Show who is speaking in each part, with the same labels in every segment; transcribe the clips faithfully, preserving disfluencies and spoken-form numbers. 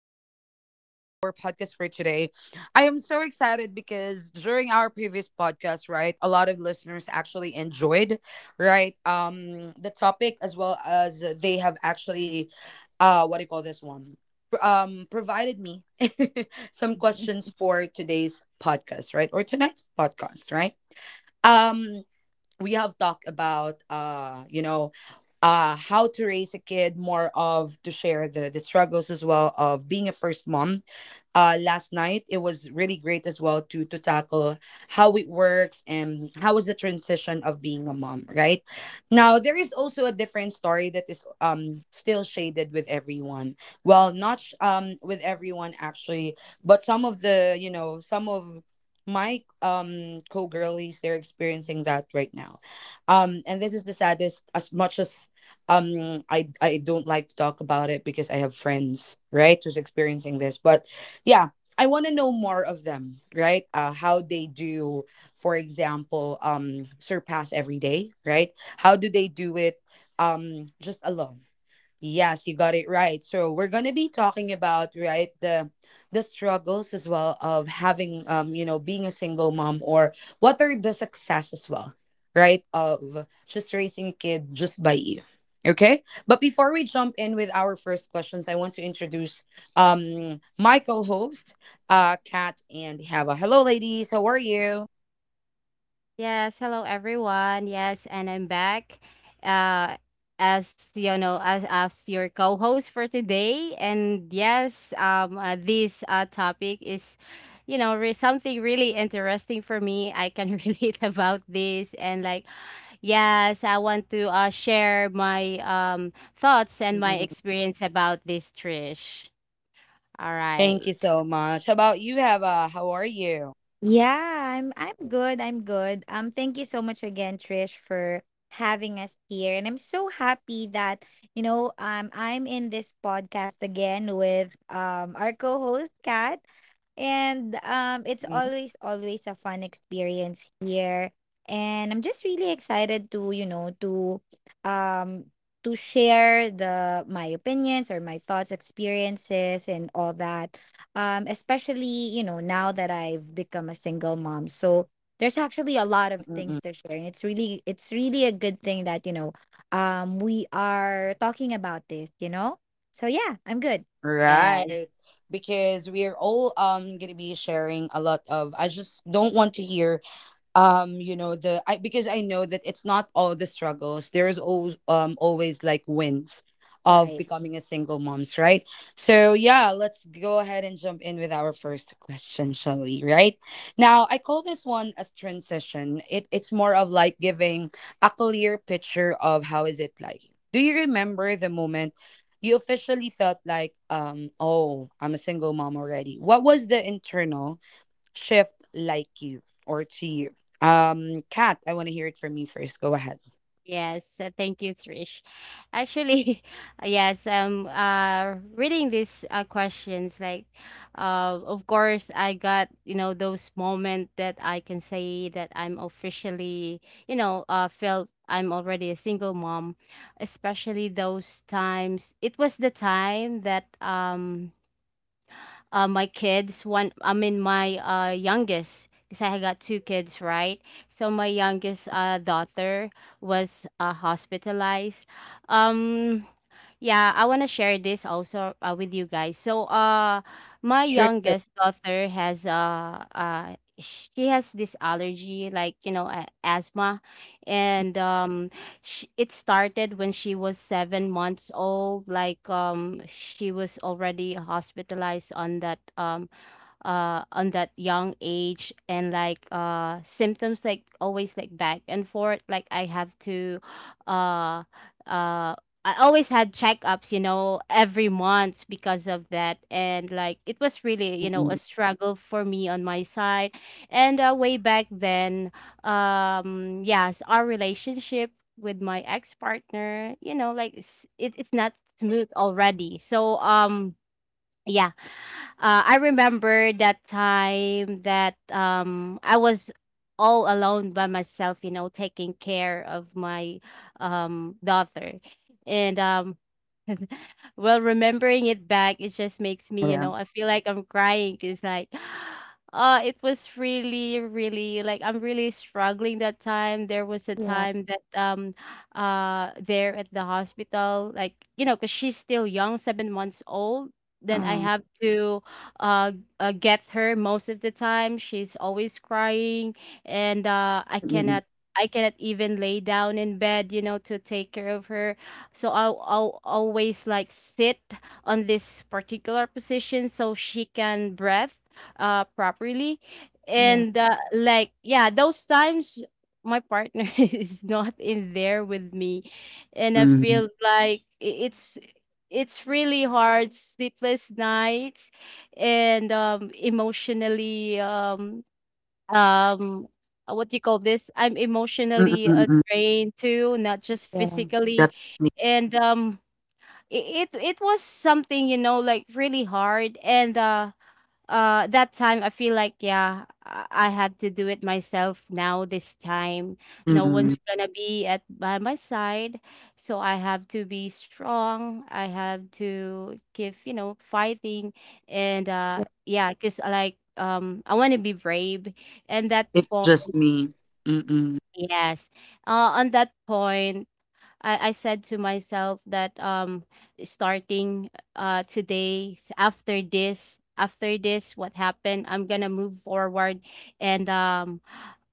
Speaker 1: Well, with our podcast for today, I am so excited because during our previous podcast, right, a lot of listeners actually enjoyed, right, um, the topic, as well as they have actually, uh, what do you call this one, um, provided me some questions for today's podcast, right, or tonight's podcast, right. Um, we have talked about, uh, you know, uh, how to raise a kid, more of to share the the struggles as well of being a first mom uh, last night. It was really great as well to to tackle how it works and how is the transition of being a mom, right? Now there is also a different story that is um still shaded with everyone. Well, not sh- um with everyone actually, but some of the, you know, some of my um co girlies, they're experiencing that right now, um and this is the saddest. As much as um i i don't like to talk about it because I have friends, right, who's experiencing this, but yeah, I want to know more of them, right? uh, how they do, for example, um surpass every day, right? How do they do it, um just alone. Yes, you got it right. So we're gonna be talking about, right, the the struggles as well of having, um you know, being a single mom, or what are the success as well, right? Of just raising a kid just by you. Okay? But before we jump in with our first questions, I want to introduce um my co-host, uh Kat and Hava. Hello ladies, how are you?
Speaker 2: Yes, hello everyone. Yes, and I'm back. Uh as you know, as as your co-host for today. And yes, um uh, this uh topic is, you know, re- something really interesting for me. I can relate about this, and like, yes, I want to uh share my um thoughts and my
Speaker 1: Mm-mm.
Speaker 2: experience about this, Trish. All
Speaker 1: Thank
Speaker 2: right.
Speaker 1: you so much. How about you, Hava? How are you?
Speaker 3: Yeah, I'm I'm good. I'm good. Um thank you so much again Trish for having us here. And I'm so happy that, you know, um I'm in this podcast again with um our co-host Kat. And um it's
Speaker 1: Mm-mm.
Speaker 3: always always a fun experience here. And I'm just really excited to, you know, to um to share the my opinions or my thoughts, experiences and all that um, especially you know now that I've become a single mom. So there's actually a lot of things
Speaker 1: Mm-mm.
Speaker 3: to share, and it's really it's really a good thing that you know um, we are talking about this. You know, so yeah, I'm good.
Speaker 2: Yes.
Speaker 1: Right. Because we're all um gonna be sharing a lot of. I just don't want to hear, um you know, the I because I know that it's not all the struggles. There is always, um always like wins of
Speaker 3: Right.
Speaker 1: becoming a single moms, right? So yeah, let's go ahead and jump in with our first question, shall we, right? Now I call this one a transition. It it's more of like giving a clear picture of how is it like. Do you remember the moment you officially felt like, um oh, I'm a single mom already? What was the internal shift like you or to you. Um, Kat, I want to hear it from you first. Go ahead.
Speaker 2: Yes, uh, thank you, Trish. Actually, yes, um, uh, reading these uh, questions, like, uh, of course, I got, you know, those moment that I can say that I'm officially, you know, uh, felt I'm already a single mom, especially those times. It was the time that, um, uh, my kids. One, I mean, my uh, youngest, because I got two kids, right? So my youngest uh, daughter was uh, hospitalized. Um, yeah, I want to share this also uh, with you guys. So, uh, my
Speaker 1: Sure, sure.
Speaker 2: youngest daughter has uh, uh, she has this allergy, like, you know, a- asthma, and, um, she, it started when she was seven months old. Like, um, she was already hospitalized on that um uh on that young age, and like, uh symptoms like always, like back and forth. Like, I have to uh uh I always had checkups, you know, every month because of that, and like, it was really, you know,
Speaker 1: Mm-mm.
Speaker 2: a struggle for me on my side. And uh, way back then, um yes, our relationship with my ex-partner, you know, like, it's, it, it's not smooth already, so um yeah, uh, I remember that time that um I was all alone by myself, you know, taking care of my um daughter. And um well, remembering it back, it just makes
Speaker 1: Yeah,
Speaker 2: me, you
Speaker 1: yeah.
Speaker 2: know, I feel like I'm crying. It's like, uh, it was really, really, like, I'm really struggling that time. There was a
Speaker 3: Yeah.
Speaker 2: time that, um, uh, there at the hospital, like, you know, cause she's still young, seven months old. Then I
Speaker 3: Um.
Speaker 2: have to, uh, uh get her. Most of the time, she's always crying, and uh, I
Speaker 1: Mm-mm.
Speaker 2: cannot. I cannot. Even lay down in bed, you know, to take care of her, so I'll, I'll always like sit on this particular position so she can breathe uh properly.
Speaker 3: Yeah.
Speaker 2: And uh, like, yeah, those times my partner is not in there with me, and I
Speaker 1: Mm.
Speaker 2: feel like i- it's it's really hard. Sleepless nights, and um emotionally, um um uh, what do you call this, I'm
Speaker 1: Mm-mm.
Speaker 2: emotionally uh,
Speaker 1: Mm-mm.
Speaker 2: drained too, not just
Speaker 3: Yeah.
Speaker 2: physically.
Speaker 1: Def-
Speaker 2: And um i- it it was something, you know, like really hard, and uh uh that time I feel like, yeah, i I had to do it myself. Now this time no
Speaker 1: Mm-mm.
Speaker 2: one's gonna be at by my side, so I have to be strong. I have to give, you know, fighting. And uh yeah, because I, like, um I want to be brave. And that
Speaker 1: It's
Speaker 2: point,
Speaker 1: just me. Mm-mm.
Speaker 2: yes, uh on that point, I, I said to myself that, um starting uh today, s- after this, after this what happened, I'm gonna move forward. And um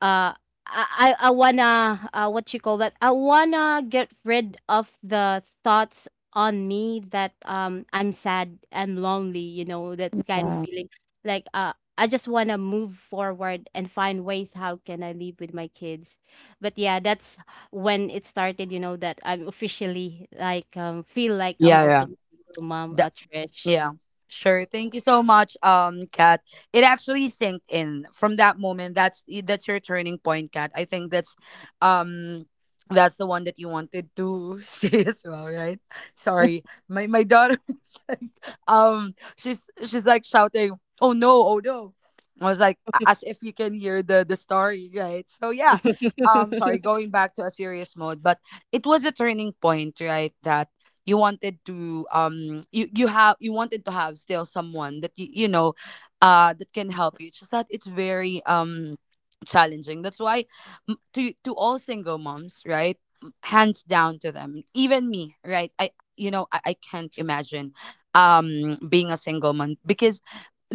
Speaker 2: uh I, I I wanna, uh, what you call that, I wanna get rid of the thoughts on me that, um I'm sad, I'm lonely, you know, that kind of
Speaker 3: Yeah.
Speaker 2: feeling. Like, uh I just wanna move forward and find ways how can I live with my kids. But yeah, that's when it started, you know, that I'm officially, like, um feel like I'm
Speaker 1: Yeah,
Speaker 2: already single mom
Speaker 1: yeah.
Speaker 2: at Trish.
Speaker 1: Yeah, sure. Thank you so much, um, Kat. It actually sank in from that moment. That's that's your turning point, Kat. I think that's, um, that's the one that you wanted to say as well, right? Sorry, my my daughter, is like, um, she's she's like shouting, "Oh no! Oh no!" I was like, a- as if you can hear the the story, right? So yeah, um, sorry, going back to a serious mode, but it was a turning point, right? That you wanted to, um you you have you wanted to have still someone that you you know, uh that can help you. It's just that it's very um challenging. That's why, m- to to all single moms, right? M- hands down to them. Even me, right? I you know i, I can't imagine um being a single mom because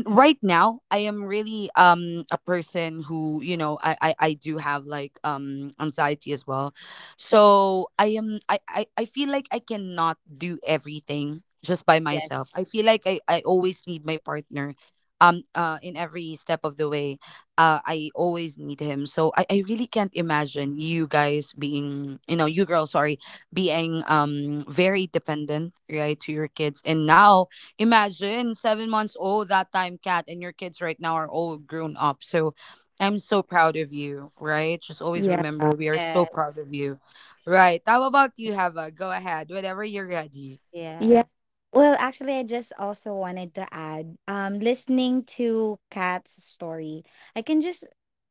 Speaker 1: right now I am really um a person who, you know, i i, I do have like um anxiety as well. So i am I, I i feel like I cannot do everything just by
Speaker 2: Yes.
Speaker 1: myself. I feel like i i always need my partner, um uh in every step of the way. uh I always need him. So i i really can't imagine you guys being, you know, you girls, sorry, being um very dependent, right, to your kids. And now imagine seven months old that time, cat, and your kids right now are all grown up. So I'm so proud of you, right? Just always remember we are so
Speaker 2: Yes.
Speaker 1: proud of you, right? How about you, Hava? Go ahead, whenever you're ready.
Speaker 3: Yeah.
Speaker 2: Yes.
Speaker 3: Well, actually, I just also wanted to add, um, listening to Kat's story, I can just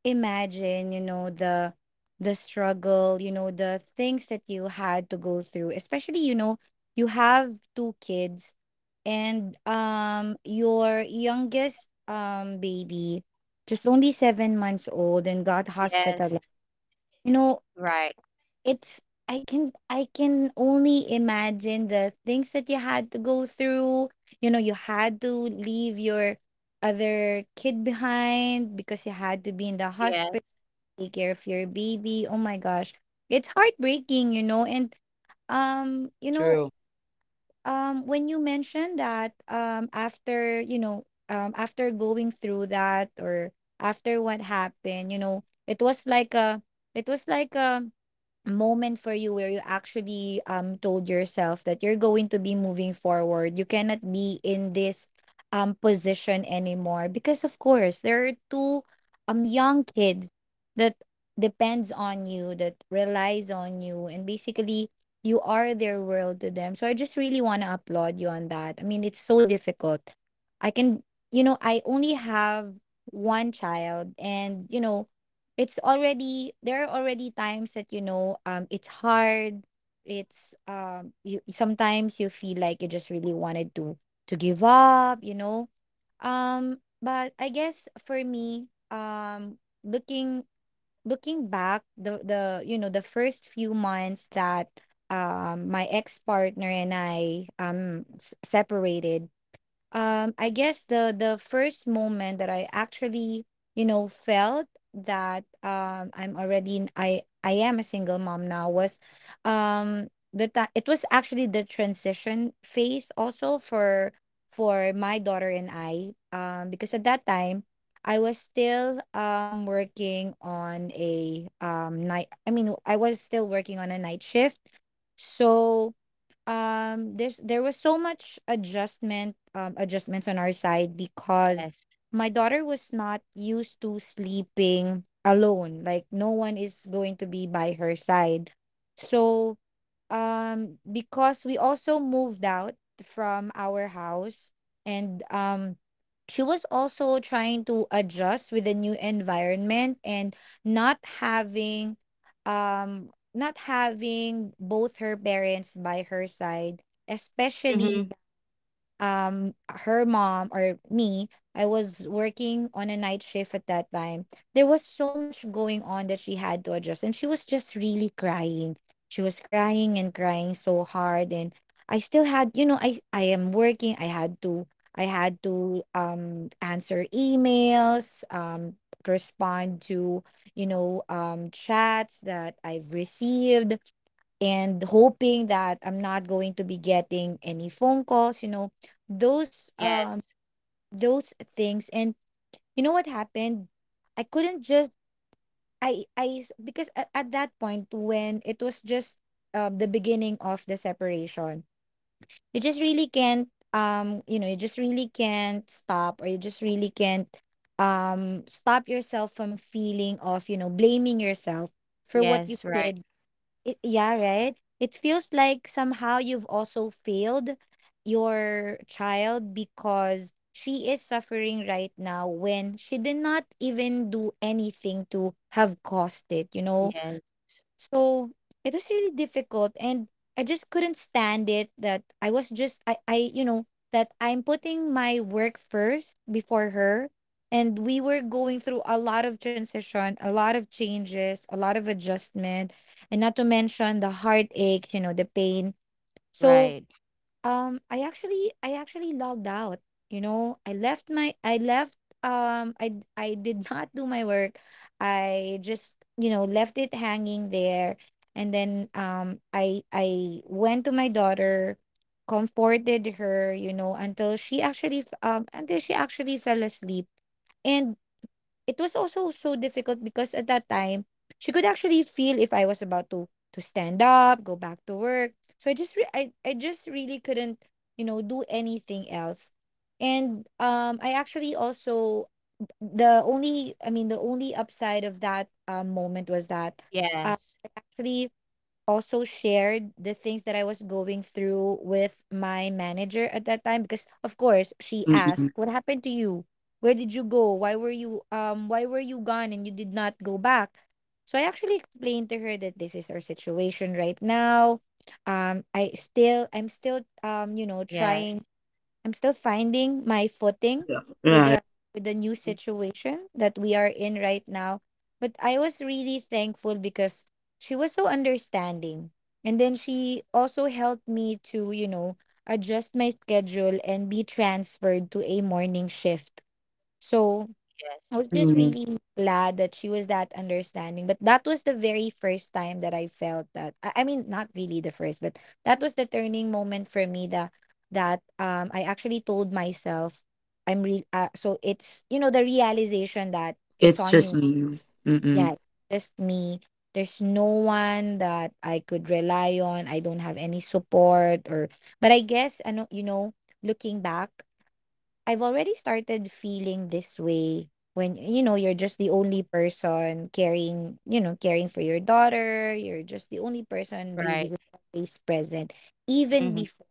Speaker 3: imagine, you know, the the struggle, you know, the things that you had to go through, especially, you know, you have two kids and um your youngest um baby just only seven months old and got
Speaker 2: Yes,
Speaker 3: hospitalized. You know,
Speaker 2: right.
Speaker 3: it's I can I can only imagine the things that you had to go through. You know, you had to leave your other kid behind because you had to be in the hospital,
Speaker 2: Yes.
Speaker 3: take care of your baby. Oh my gosh. It's heartbreaking, you know. And um, you know,
Speaker 1: True.
Speaker 3: um when you mentioned that um after, you know, um after going through that or after what happened, you know, it was like a it was like a moment for you where you actually um told yourself that you're going to be moving forward. You cannot be in this um position anymore because of course there are two um young kids that depends on you, that relies on you, and basically you are their world to them. So I just really want to applaud you on that. I mean, it's so difficult. I can, you know, I only have one child, and you know, it's already, there are already times that you know um it's hard. It's um You sometimes you feel like you just really wanted to to give up, you know, um but I guess for me um looking looking back the the you know the first few months that um my ex partner and I um s- separated, um I guess the the first moment that I actually, you know, felt that um I'm already in, i i am a single mom now was um the time, it was actually the transition phase also for for my daughter and I, um because at that time I was still um working on a um night I mean I was still working on a night shift. So um there's there was so much adjustment um adjustments on our side because
Speaker 2: Yes,
Speaker 3: my daughter was not used to sleeping alone, like no one is going to be by her side. So um because we also moved out from our house. And um she was also trying to adjust with the new environment and not having um not having both her parents by her side,
Speaker 2: mm-hmm.
Speaker 3: especially um her mom or me, I was working on a night shift at that time. There was so much going on that she had to adjust and she was just really crying. She was crying and crying so hard, and I still had, you know, I I am working. I had to I had to um answer emails, um respond to, you know, um chats that I've received and hoping that I'm not going to be getting any phone calls, you know, those um
Speaker 2: Yes.
Speaker 3: those things. And you know what happened? I couldn't just I I s- because at, at that point when it was just uh, the beginning of the separation, you just really can't um you know you just really can't stop, or you just really can't um stop yourself from feeling of, you know, blaming yourself for what you
Speaker 2: Yes, right.
Speaker 3: did it, yeah, right? It feels like somehow you've also failed your child because she is suffering right now when she did not even do anything to have caused it, you know?
Speaker 2: Yes,
Speaker 3: So it was really difficult and I just couldn't stand it that I was just I, I you know that I'm putting my work first before her, and we were going through a lot of transition, a lot of changes, a lot of adjustment, and not to mention the heartaches, you know, the pain. So
Speaker 2: right.
Speaker 3: um, I actually I actually logged out. You know, I left my I left um I d- I did not do my work. I just, you know, left it hanging there, and then um I I went to my daughter, comforted her, you know, until she actually f- um until she actually fell asleep. And it was also so difficult because at that time, she could actually feel if I was about to to stand up, go back to work. So I just re- I I just really couldn't, you know, do anything else. And um I actually also the only I mean the only upside of that um, moment was that uh,
Speaker 2: Yes.
Speaker 3: actually also shared the things that I was going through with my manager at that time, because of course she asked,
Speaker 1: Mm-mm.
Speaker 3: "What happened to you? Where did you go? Why were you um why were you gone and you did not go back?" So I actually explained to her that this is our situation right now. Um I still I'm still um you know
Speaker 2: Yes,
Speaker 3: trying, I'm still finding my footing
Speaker 1: Yeah.
Speaker 3: with
Speaker 1: Right.
Speaker 3: the with the new
Speaker 2: mhm.
Speaker 3: situation that we are in right now. But I was really thankful because she was so understanding. And then she also helped me to, you know, adjust my schedule and be transferred to a morning shift. So
Speaker 2: Yes,
Speaker 3: I was just
Speaker 1: Mm.
Speaker 3: really glad that she was that understanding. But that was the very first time that I felt that. I I mean, not really the first, but that was the turning moment for me. That that um, I actually told myself, I'm re. Uh, so it's you know the realization that it's
Speaker 1: It's
Speaker 3: on
Speaker 1: just
Speaker 3: you.
Speaker 1: me.
Speaker 3: Yeah,
Speaker 1: Mm-mm.
Speaker 3: it's just me. There's no one that I could rely on. I don't have any support or. But I guess I know, you know, looking back, I've already started feeling this way when you know you're just the only person caring, you know, caring for your daughter. You're just the only person really
Speaker 2: right.
Speaker 3: who's always present, even
Speaker 2: Mm-hmm.
Speaker 3: before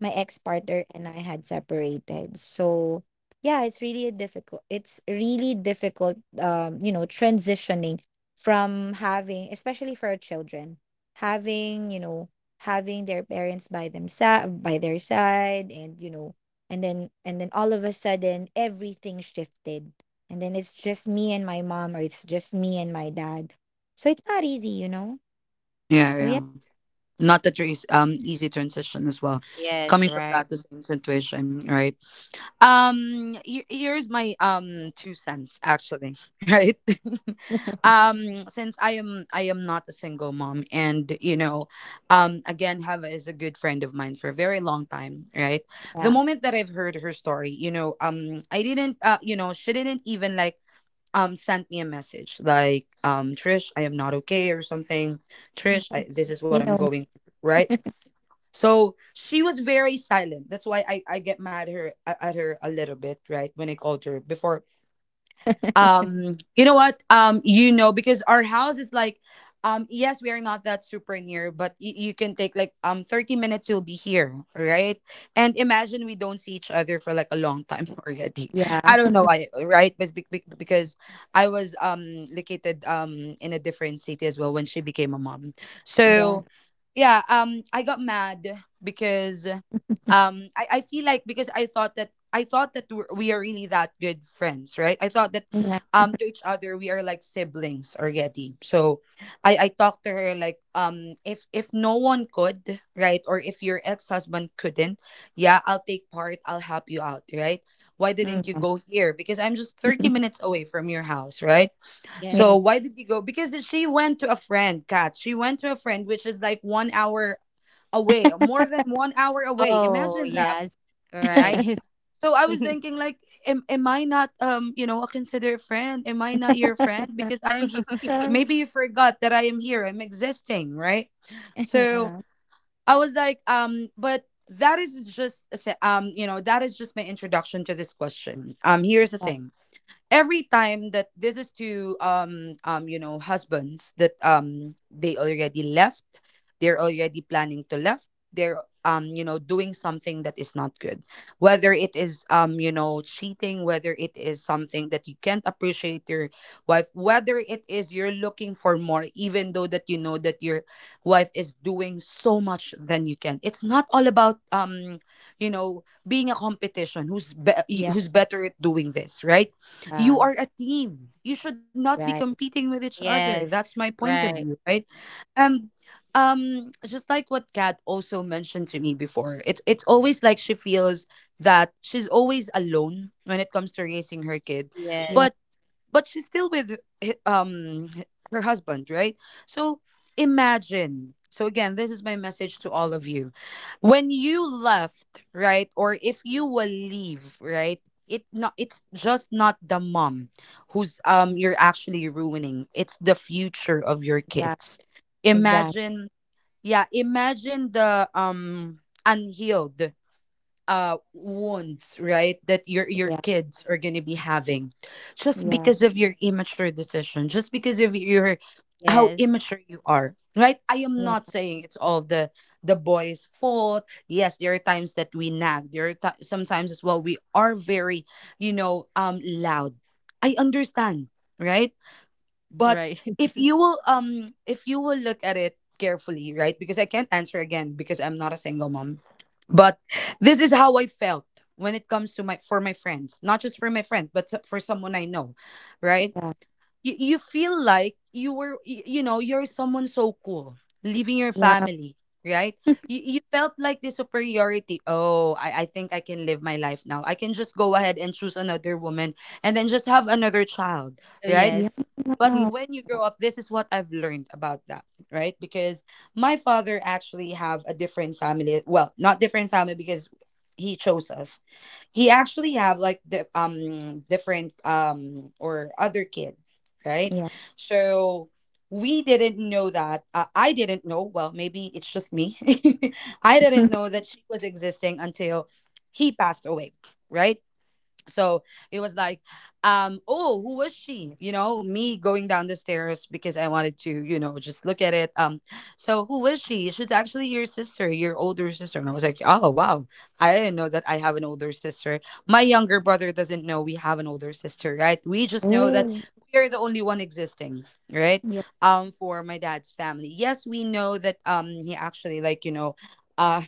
Speaker 3: my ex-partner and I had separated. So yeah, it's really a difficult. It's really difficult, um, you know, transitioning from having, especially for our children, having, you know, having their parents by themselves, by their side, and you know, and then and then all of a sudden everything shifted, and then it's just me and my mom, or it's just me and my dad. So it's not easy, you know. So
Speaker 1: Yeah,
Speaker 3: yeah,
Speaker 1: yeah. Not that it's um easy transition as well,
Speaker 2: Yes,
Speaker 1: coming from
Speaker 2: right.
Speaker 1: that the same situation, right? um here, here's my um two cents, actually. Right. um since i am i am not a single mom, and you know, um again, Hava is a good friend of mine for a very long time, right? The
Speaker 3: yeah,
Speaker 1: moment that I've heard her story, you know, um I didn't uh you know, she didn't even like um send me a message like, um Trish, I am not okay, or something. trish I, this is
Speaker 3: you
Speaker 1: what I'm
Speaker 3: know,
Speaker 1: going through, right? So she was very silent. That's why I, I get mad at her, at her a little bit, right? When I called her before, um you know what, um you know, because our house is like, um yes, we are not that super near, but y- you can take like um thirty minutes, you'll be here, right? And imagine, we don't see each other for like a long time already. I
Speaker 3: yeah,
Speaker 1: don't know why, right? But be- be- because I was um located um in a different city as well when she became a mom.
Speaker 3: yeah,
Speaker 1: So yeah, um I got mad because, um I, I feel like, because I thought that, I thought that we're, we are really that good friends, right? I thought that, um to each other we are like siblings already. So i i talked to her like, um if if no one could, right, or if your ex-husband couldn't, yeah, I'll take part, I'll help you out, right? Why
Speaker 3: yeah.
Speaker 1: didn't you go here, because I'm just thirty minutes away from your house, right?
Speaker 3: yeah.
Speaker 1: So why
Speaker 2: Yes.
Speaker 1: did you go? Because she went to a friend, Kat. She went to a friend which is like one hour away, more than one hour away.
Speaker 2: Oh,
Speaker 1: Imagine that,
Speaker 2: yes,
Speaker 1: right?
Speaker 2: right.
Speaker 1: So I was thinking like, am, am I not, um you know, a considered friend? Am I not your friend? Because I am just,
Speaker 3: yeah. Yeah.
Speaker 1: maybe you forgot that I am here. I'm existing, right? So I was like, um, but that is just a se- um you know, that is just my introduction to this question. Um, here's the thing: every time that this is to um um you know, husbands that, um they already left, they're already planning to left, they're, um you know, doing something that is not good, whether it is, um you know, cheating, whether it is something that you can't appreciate your wife, whether it is you're looking for more, even though that you know that your wife is doing so much than you can. It's not all about, um you know, being a competition, who's be-
Speaker 3: Yeah.
Speaker 1: who's better at doing this, right?
Speaker 3: Yeah,
Speaker 1: You are a team. You should not be
Speaker 3: right.
Speaker 1: competing with each other. That's
Speaker 2: Yes,
Speaker 1: my point of
Speaker 2: right.
Speaker 1: view, right? Um, um, just like what Kat also mentioned to me before, it's it's always like she feels that she's always alone when it comes to raising her kid,
Speaker 3: Yeah.
Speaker 2: Yes,
Speaker 1: but but she's still with hi- um h- her husband, right? So imagine. So again, this is my message to all of you: when you left, right, or if you will leave, right, it not, it's just not the mom who's, um you're actually ruining, it's the future of your
Speaker 3: Yeah.
Speaker 1: kids.
Speaker 3: Exactly.
Speaker 1: Imagine. Yeah, imagine the um unhealed uh wounds, right, that your your
Speaker 3: Yeah.
Speaker 1: kids are going to be having, just
Speaker 3: Yeah.
Speaker 1: because of your immature decision, just because of your, how
Speaker 2: yes,
Speaker 1: immature you are, right? I am
Speaker 3: Yeah.
Speaker 1: not saying it's all the the boys fault. Yes, there are times that we nag, there are ti sometimes as well we are very, you know, um loud. I understand, right? But
Speaker 2: right.
Speaker 1: if you will, um if you will look at it carefully, right, because I can't answer again because I'm not a single mom. But this is how I felt when it comes to my, for my friends, not just for my friend, but so- for someone I know, right?
Speaker 3: Yeah.
Speaker 1: you, you feel like you were, y- you know, you're someone so cool, leaving your family, right? you, you felt like the superiority. Oh, I, I think I can live my life now. I can just go ahead and choose another woman, and then just have another child,
Speaker 2: So
Speaker 1: right?
Speaker 3: Yeah.
Speaker 2: yes.
Speaker 3: Yeah. Yeah.
Speaker 1: But
Speaker 2: Mhm.
Speaker 1: when you grow up, this is what I've learned about that, right? Because my father actually have a different family. Well, not different family, because he chose us. He actually have like the um different um or other kid, right? So we didn't know that. Uh, I didn't know. Well, maybe it's just me. I didn't know that she was existing until he passed away, right? so it was like um oh, who was she? You know me going down the stairs because I wanted to, you know just look at it. Um so who was she? She's actually your sister, your older sister. And I was like, oh wow, I didn't know that I have an older sister. My younger brother doesn't know we have an older sister, right? We just know that
Speaker 3: Oh.
Speaker 1: we are the only one existing, right?
Speaker 3: Yeah.
Speaker 1: Um for my dad's family, yes, we know that um he actually, like, you know uh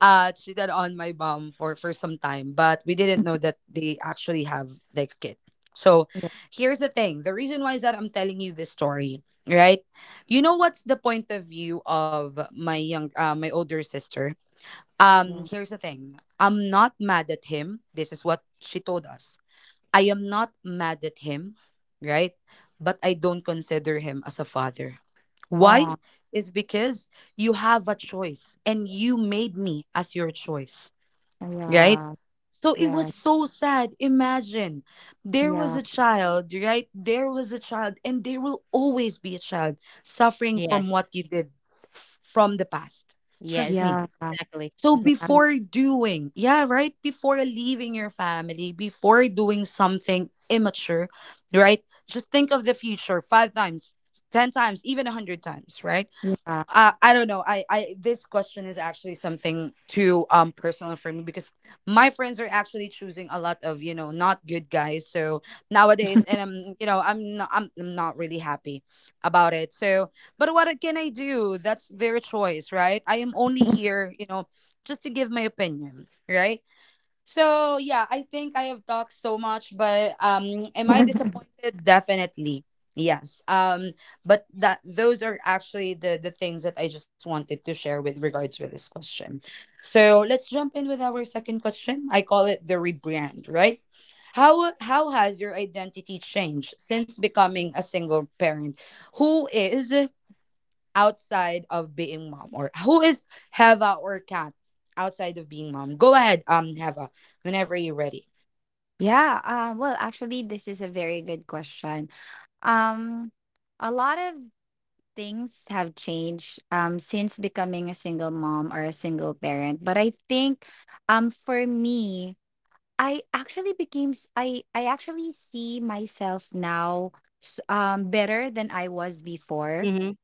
Speaker 1: uh, she did on my mom for for some time, but we didn't know that they actually have like a kid. So,
Speaker 3: Yeah.
Speaker 1: here's the thing: the reason why is that I'm telling you this story, right? You know what's the point of view of my young, uh, my older sister. Um,
Speaker 3: Yeah.
Speaker 1: here's the thing: I'm not mad at him. This is what she told us. I am not mad at him, right? But I don't consider him as a father. Why?
Speaker 3: Oh.
Speaker 1: Is because you have a choice and you made me as your choice, right?
Speaker 3: Yeah.
Speaker 1: So it was
Speaker 3: Yeah.
Speaker 1: so sad. Imagine there was a child, right? There was a child, and there will always be a child suffering from
Speaker 2: Yes.
Speaker 1: what you did f- from the past. Trust
Speaker 2: Yes.
Speaker 1: me.
Speaker 3: Yeah. Yeah.
Speaker 2: Exactly.
Speaker 1: So
Speaker 3: Exactly.
Speaker 2: Mm,
Speaker 1: before doing, yeah, right? Before leaving your family, before doing something immature, right? Just think of the future five times, ten times, even a 100 times, right?
Speaker 3: Yeah.
Speaker 1: uh, I don't know. I, I this question is actually something too um personal for me because my friends are actually choosing a lot of, you know, not good guys. So nowadays, and I'm you know I'm not I'm, I'm not really happy about it. So, but what can I do? That's their choice, right? I am only here, you know, just to give my opinion, right? So yeah, I think I have talked so much, but um, am I disappointed? Definitely, yes. Um, but that those are actually the the things that I just wanted to share with regards with this question. So let's jump in with our second question. I call it the rebrand, right? How how has your identity changed since becoming a single parent? Who is outside of being mom, or who is Heva or Kat outside of being mom? Go ahead, um, Heva, whenever you're ready.
Speaker 3: Yeah. Uh, well, actually, this is a very good question. Um, a lot of things have changed um, since becoming a single mom or a single parent. But I think um, for me, I actually became s- I I actually see myself now s- um, better than I was before
Speaker 2: mhm.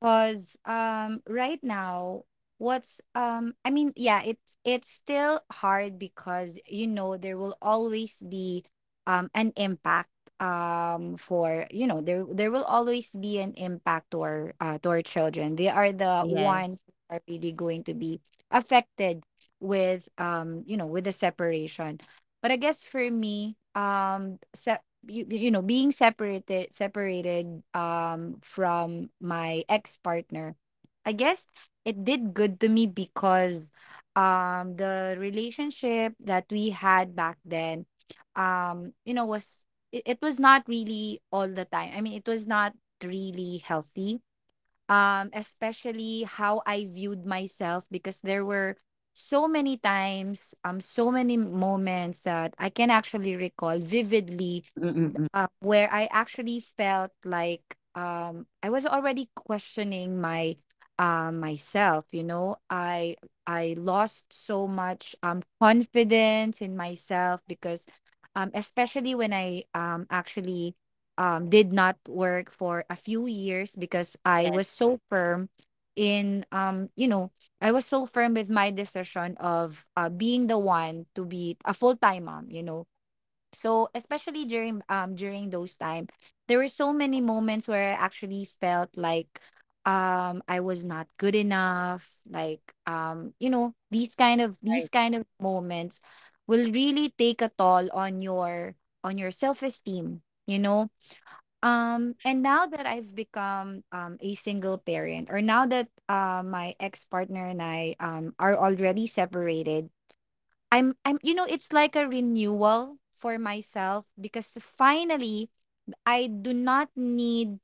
Speaker 3: because um right now what's um I mean yeah it's it's still hard because you know there will always be um an impact um for you know there there will always be an impact to our uh, to our children. They are the ones
Speaker 2: Yes.
Speaker 3: who are really going to be affected with um you know with the separation. But I guess for me um se- you, you know being separated separated um from my ex-partner, I guess it did good to me because um the relationship that we had back then um you know was it, it was not really all the time, i mean it was not really healthy, um especially how I viewed myself, because there were so many times um so many moments that I can actually recall vividly,
Speaker 1: Mm-mm-mm-mm.
Speaker 3: um, where I actually felt like um, I was already questioning my uh, myself. You know, I I lost so much um, confidence in myself because, um, especially when I um, actually um, did not work for a few years because I was
Speaker 2: Yes.
Speaker 3: so firm in um you know I was so firm with my decision of uh, being the one to be a full-time mom, you know. So especially during um during those time, there were so many moments where I actually felt like um I was not good enough. Like um, you know, these kind of these
Speaker 2: Right.
Speaker 3: kind of moments will really take a toll on your on your self-esteem, you know. Um and now that I've become um a single parent, or now that uh, my ex-partner and I um are already separated, I'm I'm you know, it's like a renewal for myself because finally I do not need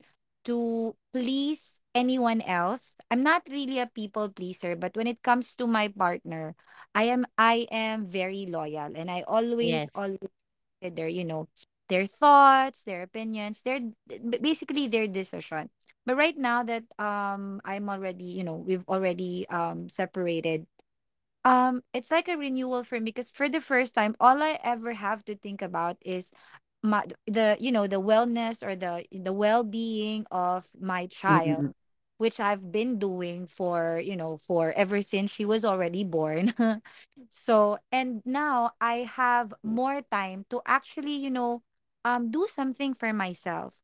Speaker 3: to please anyone else. I'm not really a people pleaser, but when it comes to my partner, I am I am very loyal, and I always
Speaker 2: Yes.
Speaker 3: always consider, you know, their thoughts, their opinions, their d- b- basically their decision. But right now that um I'm already, you know, we've already um separated, um, it's like a renewal for me because for the first time, all I ever have to think about is my the you know the wellness or the the well being of my
Speaker 1: Mm-mm-mm.
Speaker 3: child, which I've been doing for you know for ever since she was already born. So and now I have more time to actually you know um do something for myself.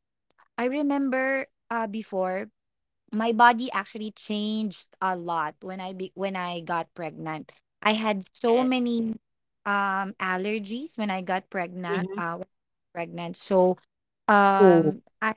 Speaker 3: I remember uh before my body actually changed a lot when I be- when I got pregnant. I had so
Speaker 2: Yes.
Speaker 3: many um allergies when I got pregnant
Speaker 2: Mhm.
Speaker 3: uh when I got pregnant. So
Speaker 1: Oh.
Speaker 3: um I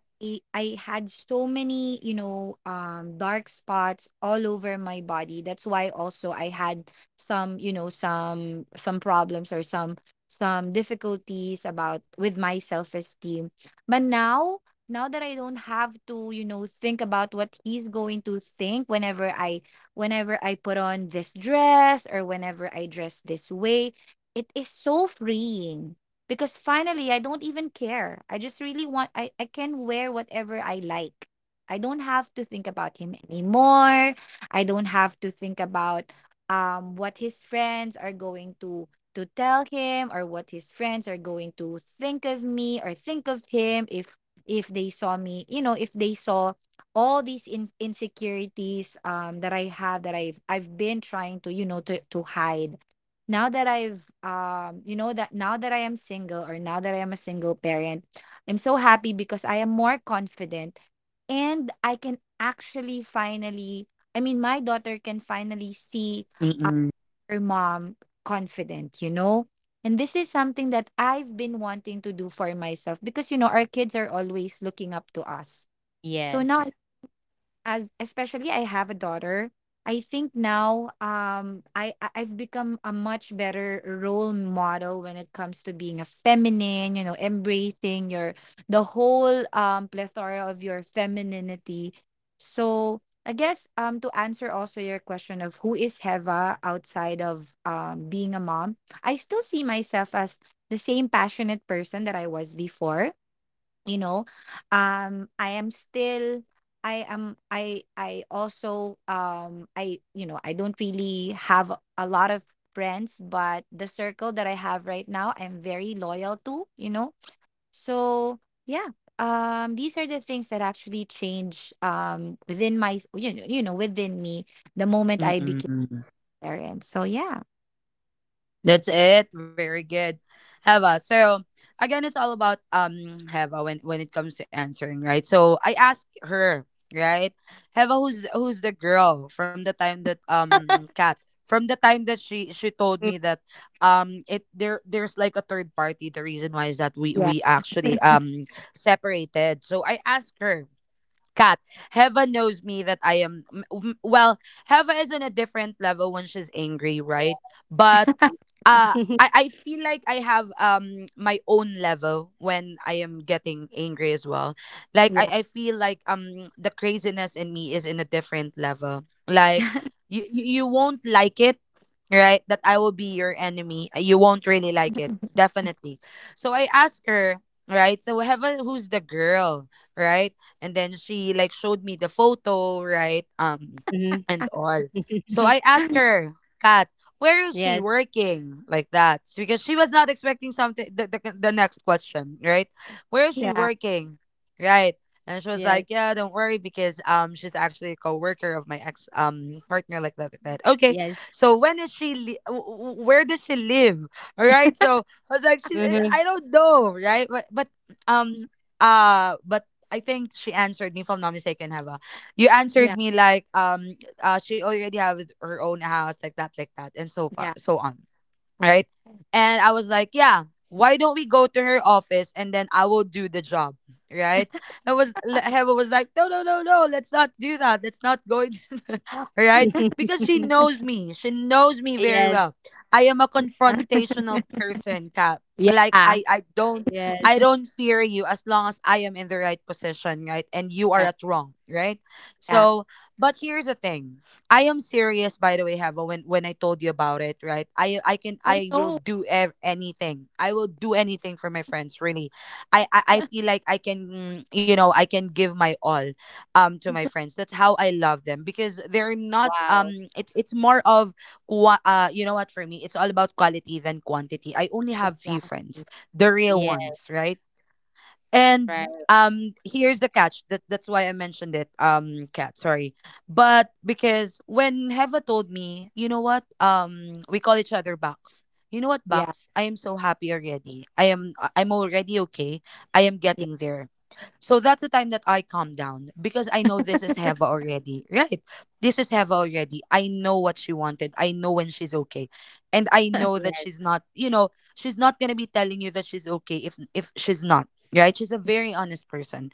Speaker 3: I had so many, you know, um dark spots all over my body. That's why also I had some, you know, some some problems, or some some difficulties about with my self-esteem. But now, now that I don't have to, you know, think about what he's going to think whenever I whenever I put on this dress, or whenever I dress this way, it is so freeing because finally I don't even care. I just really want I I can wear whatever I like. I don't have to think about him anymore. I don't have to think about um what his friends are going to to tell him, or what his friends are going to think of me, or think of him if if they saw me, you know, if they saw all these in- insecurities um that I have, that i've i've been trying to you know to to hide. Now that I've um you know that now that I am single, or now that I am a single parent, I'm so happy because I am more confident, and I can actually finally i mean my daughter can finally see
Speaker 1: Mm-mm.
Speaker 3: her mom confident, you know? And this is something that I've been wanting to do for myself because, you know, our kids are always looking up to us. So now,
Speaker 2: Yes.
Speaker 3: as especially I have a daughter, I think now um I I- I've become a much better role model when it comes to being a feminine, you know, embracing your the whole um plethora of your femininity. So I guess um to answer also your question of who is Heva outside of um being a mom, I still see myself as the same passionate person that I was before, you know. um I am still, I am, i i also um I you know, I don't really have a a lot of friends, but the circle that I have right now, I'm very loyal to, you know. So yeah. Um these are the things that actually change um within my you know, you know within me the moment I became
Speaker 1: Mm-mm.
Speaker 3: a parent. So yeah.
Speaker 1: That's it. Very good, Heva. So again, it's all about um Heva when when it comes to answering, right? So I asked her, right? Heva, who's who's the girl from the time that um Kat, from the time that she she told
Speaker 2: Mm.
Speaker 1: me that um it there there's like a third party. The reason why is that we
Speaker 3: Yeah.
Speaker 1: we actually um separated. So I asked her, Kat. Heva knows me that I am m- m- well. Heva is on a different level when she's angry, right? But
Speaker 2: Yeah.
Speaker 1: uh I, I feel like I have um my own level when I am getting angry as well. Like,
Speaker 3: Yeah.
Speaker 1: I, I feel like um the craziness in me is in a different level. Like, you you you won't like it, right? That I will be your enemy. Uh, You won't really like it. Definitely. So I asked her, right? So Heaven, who's the girl, right? And then she like showed me the photo, right? Um
Speaker 2: Mhm.
Speaker 1: and all. So I asked her, Kat, where is she
Speaker 2: Yes.
Speaker 1: working, like that? Because she was not expecting something, the, the, the next question, right? Where is she
Speaker 3: yeah
Speaker 1: working, right? And she was like,
Speaker 2: Yes.
Speaker 1: yeah, don't worry because um she's actually a co-worker of my ex um partner, like that, like that. Okay,
Speaker 2: Yes.
Speaker 1: so when is she li- w- w- where does she live? All right, so I was like, she,
Speaker 2: Mhm.
Speaker 1: I don't know, right? But but um uh but I think she answered me if I'm not mistaken, Hava. You
Speaker 3: yeah
Speaker 1: answered me like, um uh she already has her own house, like that, like that, and so far
Speaker 3: yeah
Speaker 1: so on, right? And I was like, yeah, why don't we go to her office, and then I will do the job, right? i was le- Heva was like, no, no, no, no, let's not do that, let's not go into that, right? Because she knows me, she knows me very
Speaker 2: Yes.
Speaker 1: well. I am a confrontational person, Cat.
Speaker 3: yeah
Speaker 1: Like,
Speaker 3: yeah
Speaker 1: i i don't,
Speaker 2: Yes.
Speaker 1: I don't fear you as long as I am in the right position, right? And you are
Speaker 3: yeah
Speaker 1: at wrong, right? So, but here's the thing. I am serious, by the way, Hava. When when I told you about it, right? I I can,
Speaker 3: I
Speaker 1: I will
Speaker 3: know.
Speaker 1: do ev- anything. I will do anything for my friends. Really, I, I I feel like I can, you know, I can give my all, um, to my friends. That's how I love them because they're not
Speaker 2: Wow.
Speaker 1: um. It's it's more of qua- uh. You know what? For me, it's all about quality than quantity. I only have few friends,
Speaker 3: Exactly.
Speaker 1: the real
Speaker 3: Exa-
Speaker 2: Yes.
Speaker 1: ones, right? And
Speaker 2: Right.
Speaker 1: um here's the catch. That that's why I mentioned it. Um cat, sorry. But because when Heva told me, you know what? Um we call each other Bucks. You know what,
Speaker 3: Yeah,
Speaker 1: Bucks? I am so happy already. I am I- I'm already okay. I am
Speaker 3: yeah,
Speaker 1: getting there. So that's the time that I calm down because I know this is Heva already. Right. This is Heva already. I know what she wanted. I know when she's okay. And I know that
Speaker 2: Yes.
Speaker 1: she's not, you know, she's not gonna be telling you that she's okay if if she's not. Right? She's a very honest person.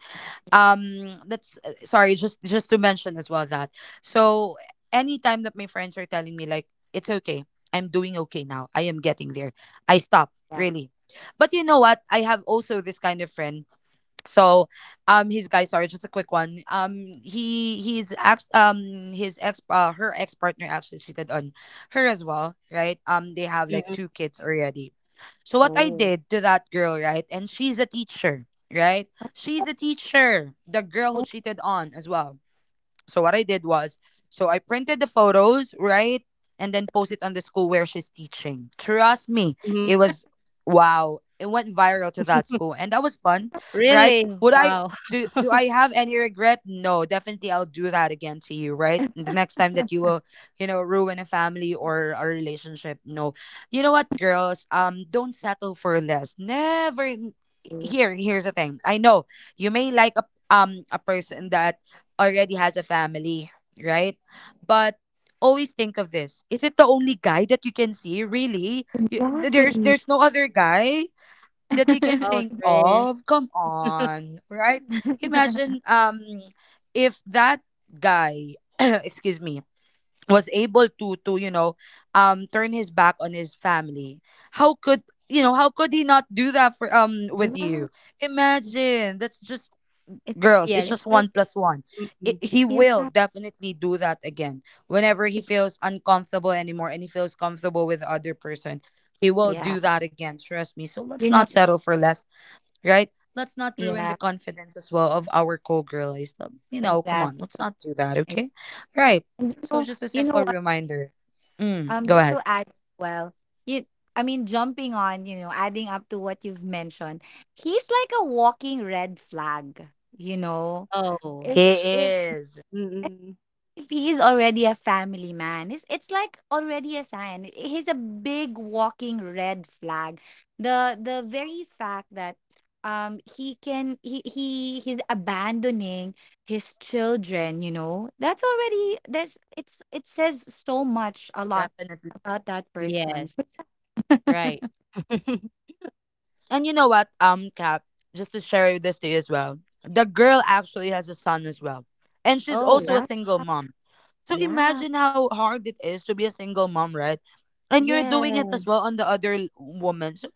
Speaker 3: yeah,
Speaker 1: Um that's uh, sorry, just just to mention as well that. So anytime that my friends are telling me like, it's okay, I'm doing okay now, I am getting there, I stop,
Speaker 3: yeah.
Speaker 1: really. But you know what? I have also this kind of friend. So um his guy sorry, just a quick one, um he he's ex um his ex, uh, her ex partner actually cheated on her as well, right? Um they have like
Speaker 2: Mhm,
Speaker 1: two kids already. So what I
Speaker 3: Oh,
Speaker 1: did to that girl, right? And she's a teacher, right? She's a teacher, the girl who cheated on as well. So what I did was, so I printed the photos, right? And then post it on the school where she's teaching. Trust me,
Speaker 2: mhm.
Speaker 1: it was wow. It went viral to that school, and that was fun, right?
Speaker 2: Really?
Speaker 1: Would I,
Speaker 2: Wow.
Speaker 1: do do I have any regret? No, definitely I'll do that again to you, right? The next time that you will, you know, ruin a family or a relationship. No. You know what, girls? Um don't settle for less. Never.
Speaker 3: oh,
Speaker 1: Here, here's the thing. I know you may like a um a person that already has a family, right? But always think of this. Is it the only guy that you can see? Really? You, th- there's
Speaker 3: exactly.
Speaker 1: there's no other guy that you can
Speaker 2: Oh,
Speaker 1: think
Speaker 2: Trish.
Speaker 1: of. Come on, right? Imagine um if that guy, excuse me, was able to, to you know, um turn his back on his family. How could, you know, how could he not do that for, um with
Speaker 3: Yeah,
Speaker 1: you? Imagine. That's just,
Speaker 3: it's
Speaker 1: girls, it's
Speaker 2: Yes.
Speaker 3: it's
Speaker 1: just
Speaker 3: like
Speaker 1: one plus one. It,
Speaker 2: Mm.
Speaker 1: he will
Speaker 3: yeah,
Speaker 1: definitely do that again whenever he
Speaker 3: it's
Speaker 1: feels uncomfortable anymore and he feels comfortable with the other person. He will
Speaker 3: yeah.
Speaker 1: do that again, trust me. So let's
Speaker 3: You
Speaker 1: not
Speaker 3: know,
Speaker 1: settle for less, right? Let's not ruin the
Speaker 3: yeah,
Speaker 1: confidence as well of our co-girlies. So, you know, come on, let's
Speaker 3: exactly.
Speaker 1: not do that,
Speaker 3: And
Speaker 1: okay? Right?
Speaker 3: you
Speaker 1: So
Speaker 3: know,
Speaker 1: just a
Speaker 3: you know
Speaker 1: simple
Speaker 3: what?
Speaker 1: reminder. Mm,
Speaker 3: Um,
Speaker 1: go
Speaker 3: just
Speaker 1: ahead.
Speaker 3: to add as well, you. I mean, jumping on, you know, adding up to what you've mentioned, he's like a walking red flag. You know,
Speaker 2: Oh.
Speaker 3: if
Speaker 1: He
Speaker 3: if
Speaker 1: is.
Speaker 2: Mm.
Speaker 3: if he's already a family man, it's, it's like already a sign. He's a big walking red flag. The the very fact that um he can he, he he's abandoning his children, you know, that's already that's it's it says so much a lot
Speaker 1: Definitely.
Speaker 3: about that person.
Speaker 2: Yes.
Speaker 3: So,
Speaker 2: Right.
Speaker 1: And you know what, um, Cap, just to share this to you as well. The girl actually has a son as well. And she's also
Speaker 2: Oh,
Speaker 1: a
Speaker 3: yeah,
Speaker 1: single mom. So
Speaker 3: yeah,
Speaker 1: imagine how hard it is to be a single mom, right? And you're
Speaker 2: yeah.
Speaker 1: doing it as well on the other l- woman. So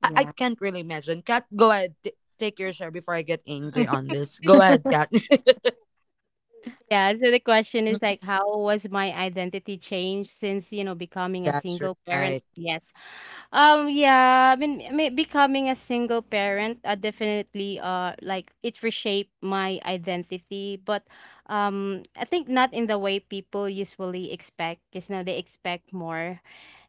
Speaker 1: I, I
Speaker 3: yeah,
Speaker 1: can't really imagine. Kat, go ahead. T- take your share before I get angry on this. Go ahead, Kat.
Speaker 2: Yeah, so the question is
Speaker 1: Mhm.
Speaker 2: like, how was my identity changed since, you know, becoming a
Speaker 1: That's
Speaker 2: single parent?
Speaker 1: right.
Speaker 2: Yes. Um, yeah, I mean, I mean, becoming a single parent, uh, definitely, uh, like, it reshaped my identity, but, um, I think not in the way people usually expect, because now they expect more.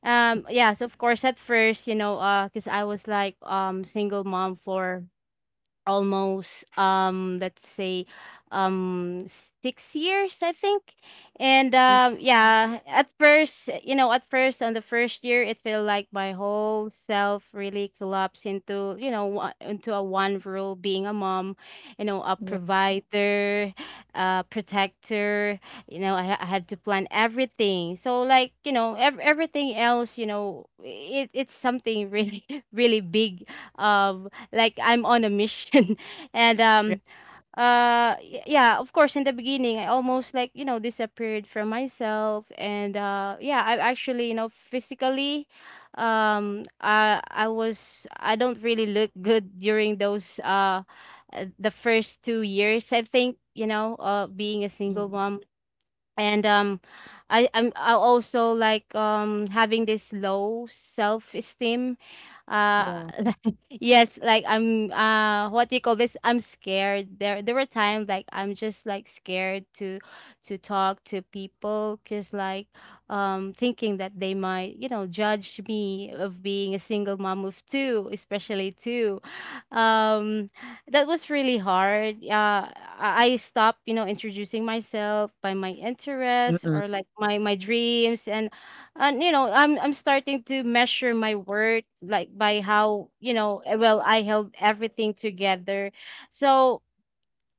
Speaker 2: Um, yeah, so of course, at first, you know, uh, because I was like, um, single mom for almost, um let's say, um six years, I think. And um yeah, at first you know at first on the first year it felt like my whole self really collapsed into, you know, wa- into a one role, being a mom, you know, a
Speaker 3: yeah,
Speaker 2: provider, a protector. You know, i, I had to plan everything, so like, you know, ev- everything else, you know, it, it's something really really big, um like I'm on a mission. And
Speaker 3: re-
Speaker 2: um uh y- yeah, of course in the beginning I almost like, you know, disappeared from myself. And uh yeah, I actually, you know, physically, um I I was I don't really look good during those, uh uh, the first two years, I think, you know, uh being a single
Speaker 3: mm,
Speaker 2: mom. And um i i'm I also, like, um having this low self esteem. uh
Speaker 3: yeah,
Speaker 2: yes, like, I'm uh what do you call this, I'm scared. There there were times like I'm just like scared to to talk to people because, like, um thinking that they might, you know, judge me of being a single mom of two, especially two, um that was really hard. Uh, I I stopped, you know, introducing myself by my interests
Speaker 1: Mm-mm.
Speaker 2: or like my my dreams, and and you know, I'm I'm starting to measure my worth like by how, you know, eh, well, I held everything together. So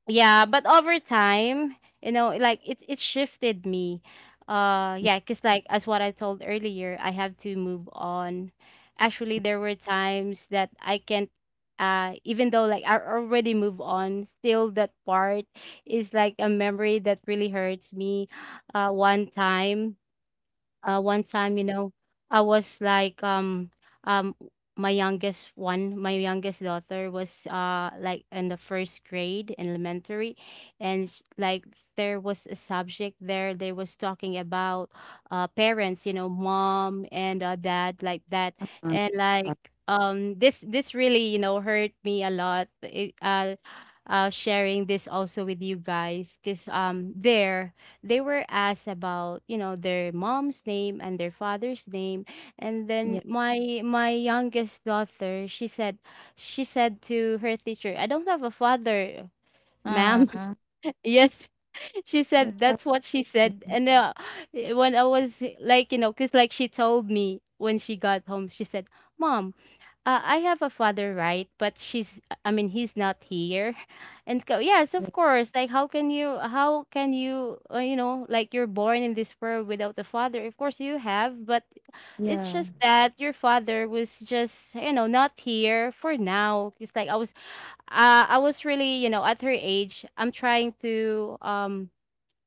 Speaker 2: yeah, but over time, you know, like, it it shifted me. Uh yeah, because like, as what I told earlier, I have to move on. Actually, there were times that I can't. Uh even though like I already moved on, still that part is like a memory that really hurts me. uh one time uh One time, you know, I was like, um um my youngest one my youngest daughter was, uh like, in the first grade in elementary, and sh- like, there was a subject there, they was talking about, uh parents, you know, mom and, uh, dad, like that.
Speaker 3: uh,
Speaker 2: And
Speaker 3: uh,
Speaker 2: like, um this this really, you know, hurt me a lot. It, uh uh sharing this also with you guys, because, um there, they were asked about, you know, their mom's name and their father's name. And then
Speaker 3: yeah.
Speaker 2: my my youngest daughter, she said, she said to her teacher, "I don't have a father, ma'am."
Speaker 3: Uh,
Speaker 2: Yes, she said,
Speaker 3: that's how it
Speaker 2: that's what she said. And uh, when, I was like, you know, because like, she told me when she got home, she said, "Mom, uh, I have a father, right? But she's, I mean, he's not here." And go, yes, of
Speaker 3: is.
Speaker 2: course. Like, how can you, how can you, uh, you know, like, you're born in this world without a father? Of course you have. But it's
Speaker 3: Yeah,
Speaker 2: just that your father was just, you know, not here for now. It's like I was, uh, I was really, you know, at her age, I'm trying to, um,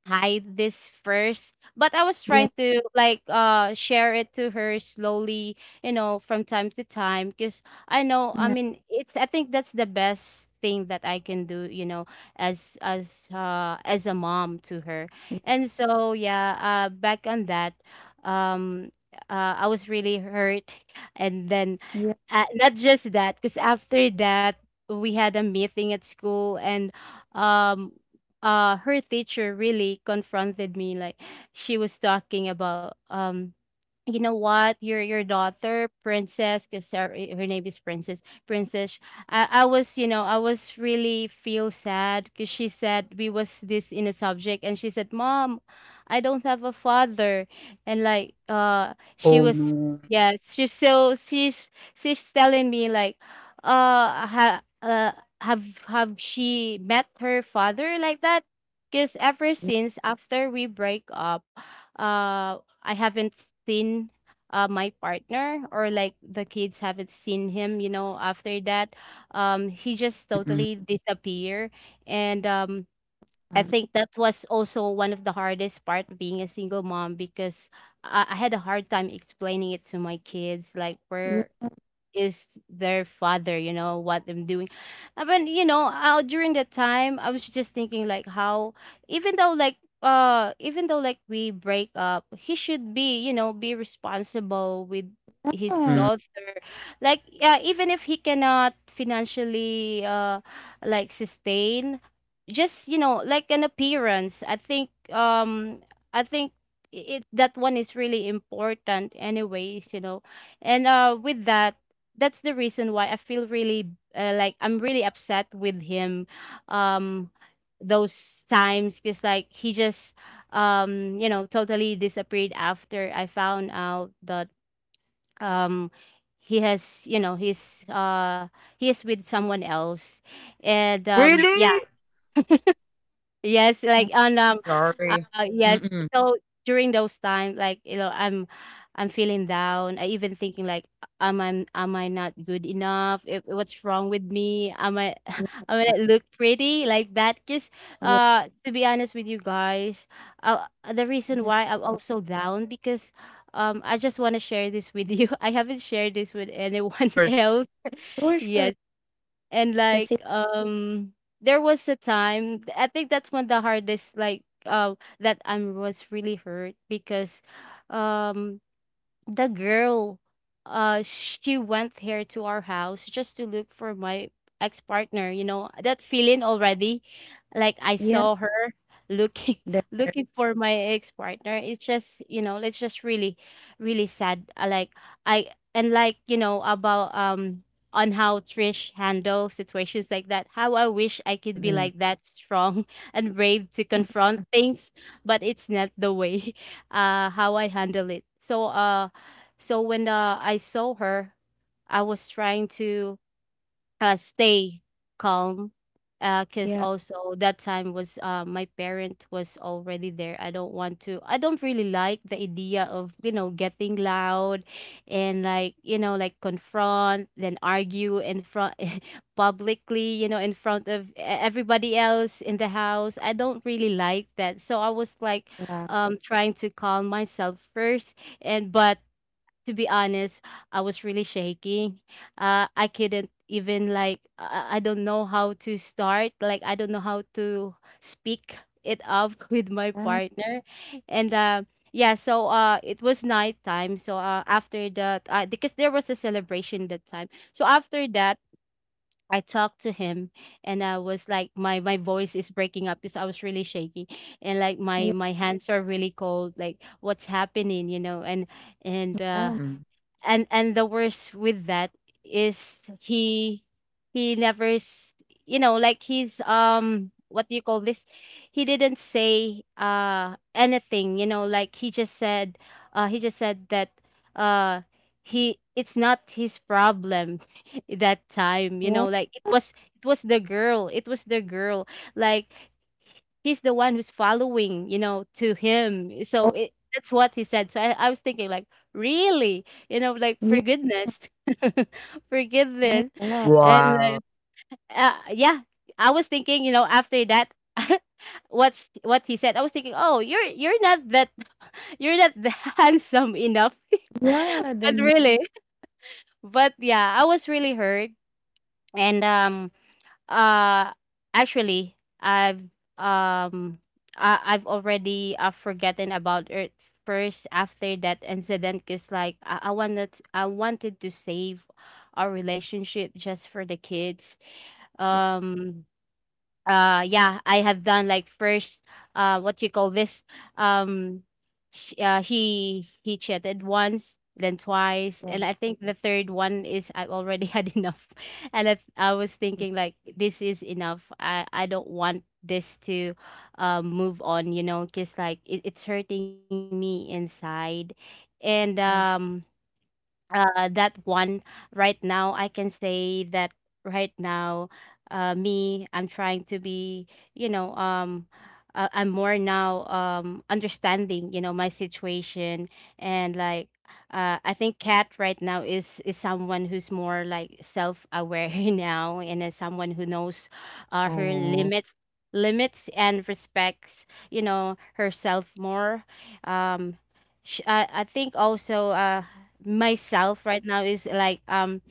Speaker 2: hide this first, but I was
Speaker 3: yeah,
Speaker 2: trying to like, uh share it to her slowly, you know, from time to time, because I know, I mean, it's, I think, that's the best thing that I can do, you know, as, as uh as a mom to her. And so yeah, uh back on that, um uh I was really hurt. And then,
Speaker 3: yeah.
Speaker 2: uh, not just that, because after that we had a meeting at school, and um uh her teacher really confronted me. Like, she was talking about, um "You know what, your your daughter, Princess," because her, eh, her name is Princess. "Princess, I, I was, you know, I was really feel sad, because she said we was this in a subject, and she said, 'Mom, I don't have a father.'" And like, uh she
Speaker 1: Oh,
Speaker 2: was,
Speaker 1: no.
Speaker 2: yes, she's so she's she's telling me like, uh, ha, uh have have she met her father, like that? Because ever
Speaker 3: Yeah,
Speaker 2: since after we break up, uh I haven't seen, uh, my partner, or like the kids haven't seen him, you know, after that. Um, he just
Speaker 1: Mm-mm.
Speaker 2: totally disappeared. And um, I think that was also one of the hardest part of being a single mom because I, I had a hard time explaining it to my kids, like where
Speaker 3: yeah,
Speaker 2: is their father, you know what I'm doing. Uh, but you know, uh, during that time I was just thinking like how, even though like, uh even though like we break up, he should be, you know, be responsible with his
Speaker 1: Mm-mm.
Speaker 2: daughter. Like, yeah, even if he cannot financially uh like sustain, just you know, like an appearance. I think um i think it that one is really important anyways, you know. And uh with that, that's the reason why I feel really, uh, like I'm really upset with him, um, those times because like he just, um you know, totally disappeared after I found out that, um, he has, you know,
Speaker 1: Mm-mm.
Speaker 2: he's uh he is with someone else. And um, yeah.
Speaker 1: Really?
Speaker 2: Yes, like
Speaker 3: yeah.
Speaker 2: on, um uh,
Speaker 1: Sorry.
Speaker 2: uh, yes.
Speaker 1: Mm-mm.
Speaker 2: So during those time, like you know, I'm I'm feeling down. I even thinking like, am I am I not good enough? If, what's wrong with me? Am I am I not look pretty like that? Cause
Speaker 3: Yeah.
Speaker 2: uh, to be honest with you guys, uh, the reason
Speaker 3: That's
Speaker 2: why I'm also down because, um, I just want to share this with you. I haven't shared this with anyone
Speaker 1: Sure, sure.
Speaker 2: else.
Speaker 3: for
Speaker 2: Yes,
Speaker 3: sure.
Speaker 2: and
Speaker 3: To
Speaker 2: like
Speaker 3: see,
Speaker 2: um there was a time I think that's when the hardest, like uh that I was really hurt because, um, the girl, uh she went here to our house just to look for my ex-partner. You know that feeling already, like I
Speaker 3: yeah,
Speaker 2: saw her looking
Speaker 3: there,
Speaker 2: looking for my ex-partner. It's just, you know, it's just really really sad. Uh, like I and like, you know, about um, on how Trish handle situations like that. How I wish I could be
Speaker 1: Mm-mm,
Speaker 2: like that strong and brave to confront things, but it's not the way uh how I handle it. So uh so when, uh, I saw her, I was trying to, uh, stay calm, because
Speaker 3: yeah,
Speaker 2: also that time was, uh, my parent was already there. I don't want to. I don't really like the idea of, you know, getting loud and like, you know, like confront then argue in front publicly, you know, in front of e- everybody else in the house. I don't really like that. So I was like,
Speaker 3: yeah,
Speaker 2: um, trying to calm myself first. And but to be honest, I was really shaking. Uh, I couldn't even like I, I don't know how to start. Like I don't know how to speak it up with my
Speaker 3: yeah,
Speaker 2: partner. And uh, Yeah. So uh, it was nighttime. So uh, after that, uh, because there was a celebration that time. So after that, I talked to him, and I was like, my my voice is breaking up because I was really shaking, and like my
Speaker 3: yeah.
Speaker 2: my hands are really cold, like what's happening, you know. And and
Speaker 3: Yeah.
Speaker 2: uh
Speaker 1: mm-mm.
Speaker 2: and and the worst with that is he he never s-, you know, like he's, um, what do you call this, he didn't say uh anything, you know. Like he just said, uh he just said that, uh he, it's not his problem that time, you know.
Speaker 3: What?
Speaker 2: Like it was, it was the girl, it was the girl, like he's the one who's following, you know, to him. So
Speaker 3: Oh,
Speaker 2: it, that's what he said. So I, I was thinking like, really, you know, like for
Speaker 3: yeah,
Speaker 2: goodness, for
Speaker 3: my
Speaker 2: goodness,
Speaker 3: God.
Speaker 2: and
Speaker 1: Wow.
Speaker 2: like, uh, yeah, I was thinking, you know, after that, what sh- what he said, I was thinking, oh, you're you're not that you're not that handsome enough,
Speaker 3: Yeah, the
Speaker 2: but
Speaker 3: nerve.
Speaker 2: really, but yeah, I was really hurt, and um, uh, actually, I've um I I've already uh, forgotten about it first after that incident, because like I, I wanted, I wanted to save our relationship just for the kids. Um, uh yeah, I have done like first, uh what you call this, um, sh-, uh, he he cheated once then twice,
Speaker 3: Yeah,
Speaker 2: and I think the third one is I've already had enough. And I, I was thinking like this is enough. I i don't want this to, um, move on, you know, because like it, it's hurting me inside. And
Speaker 3: yeah,
Speaker 2: um uh, That one, right now I can say that right now, uh, me, I'm trying to be, you know, um uh, I'm more now, um, understanding, you know, my situation. And like, uh, I think Kat right now is is someone who's more like self-aware now, and is someone who knows, uh, her
Speaker 1: Oh.
Speaker 2: limits, limits and respects, you know, herself more. Um, sh- I, I think also, uh, myself right now is like, um,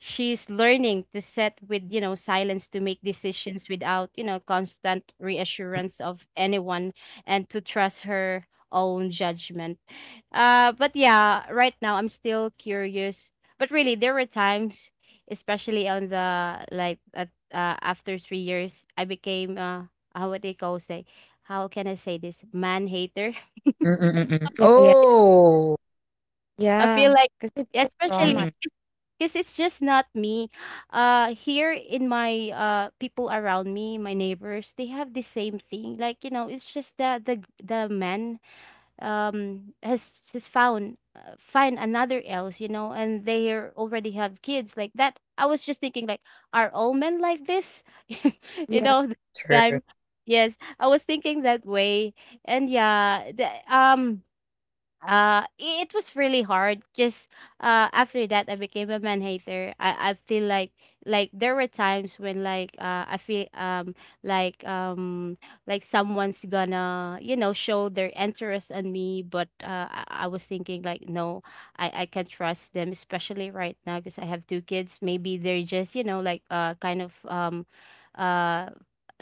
Speaker 2: she's learning to set with, you know, silence, to make decisions without, you know, constant
Speaker 1: Mm-mm,
Speaker 2: reassurance of anyone, and to trust her own judgment. Uh but yeah, right now I'm still curious, but really there were times, especially on the like at, uh, after three years I became uh how would they call say, how can I say this, man hater.
Speaker 1: mm-mm, mm-mm.
Speaker 3: yeah, yeah.
Speaker 1: Oh.
Speaker 2: I feel
Speaker 3: Yeah.
Speaker 2: like,
Speaker 3: Cause it's the trauma.
Speaker 1: Mm-mm.
Speaker 2: especially, because it's just not me uh here in my, uh people around me, my neighbors, they have the same thing, like you know, it's just that the the man, um, has just found, uh, find another else, you know, and they are- already have kids like that. I was just thinking like, are all men like this? You
Speaker 3: Yeah,
Speaker 2: know the
Speaker 1: True.
Speaker 2: time, yes, I was thinking that way. And yeah, the, um uh I- it was really hard because, uh after that I became a man hater. I i feel like like there were times when, like, uh I feel, um like um like someone's gonna, you know, show their interest on me. But uh i, I was thinking like no, i i can't trust them, especially right now, because I have two kids. Maybe they're just, you know, like, uh kind of, um uh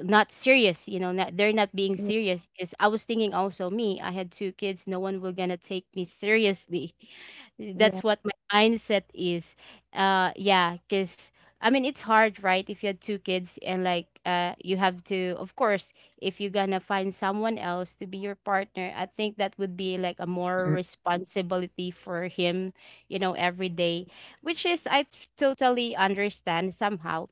Speaker 2: not serious, you know, not, they're not being
Speaker 3: yeah,
Speaker 2: serious. Because I was thinking also, me, I had two kids, no one will gonna take me seriously.
Speaker 3: yeah,
Speaker 2: That's what my mindset is. Uh yeah, because I mean it's hard, right, if you had two kids and like, uh you have to, of course, if you're gonna find someone else to be your partner, I think that would be like a more
Speaker 1: Mm-mm, mm-mm,
Speaker 2: responsibility for him, you know, every day, which is I t- totally understand somehow.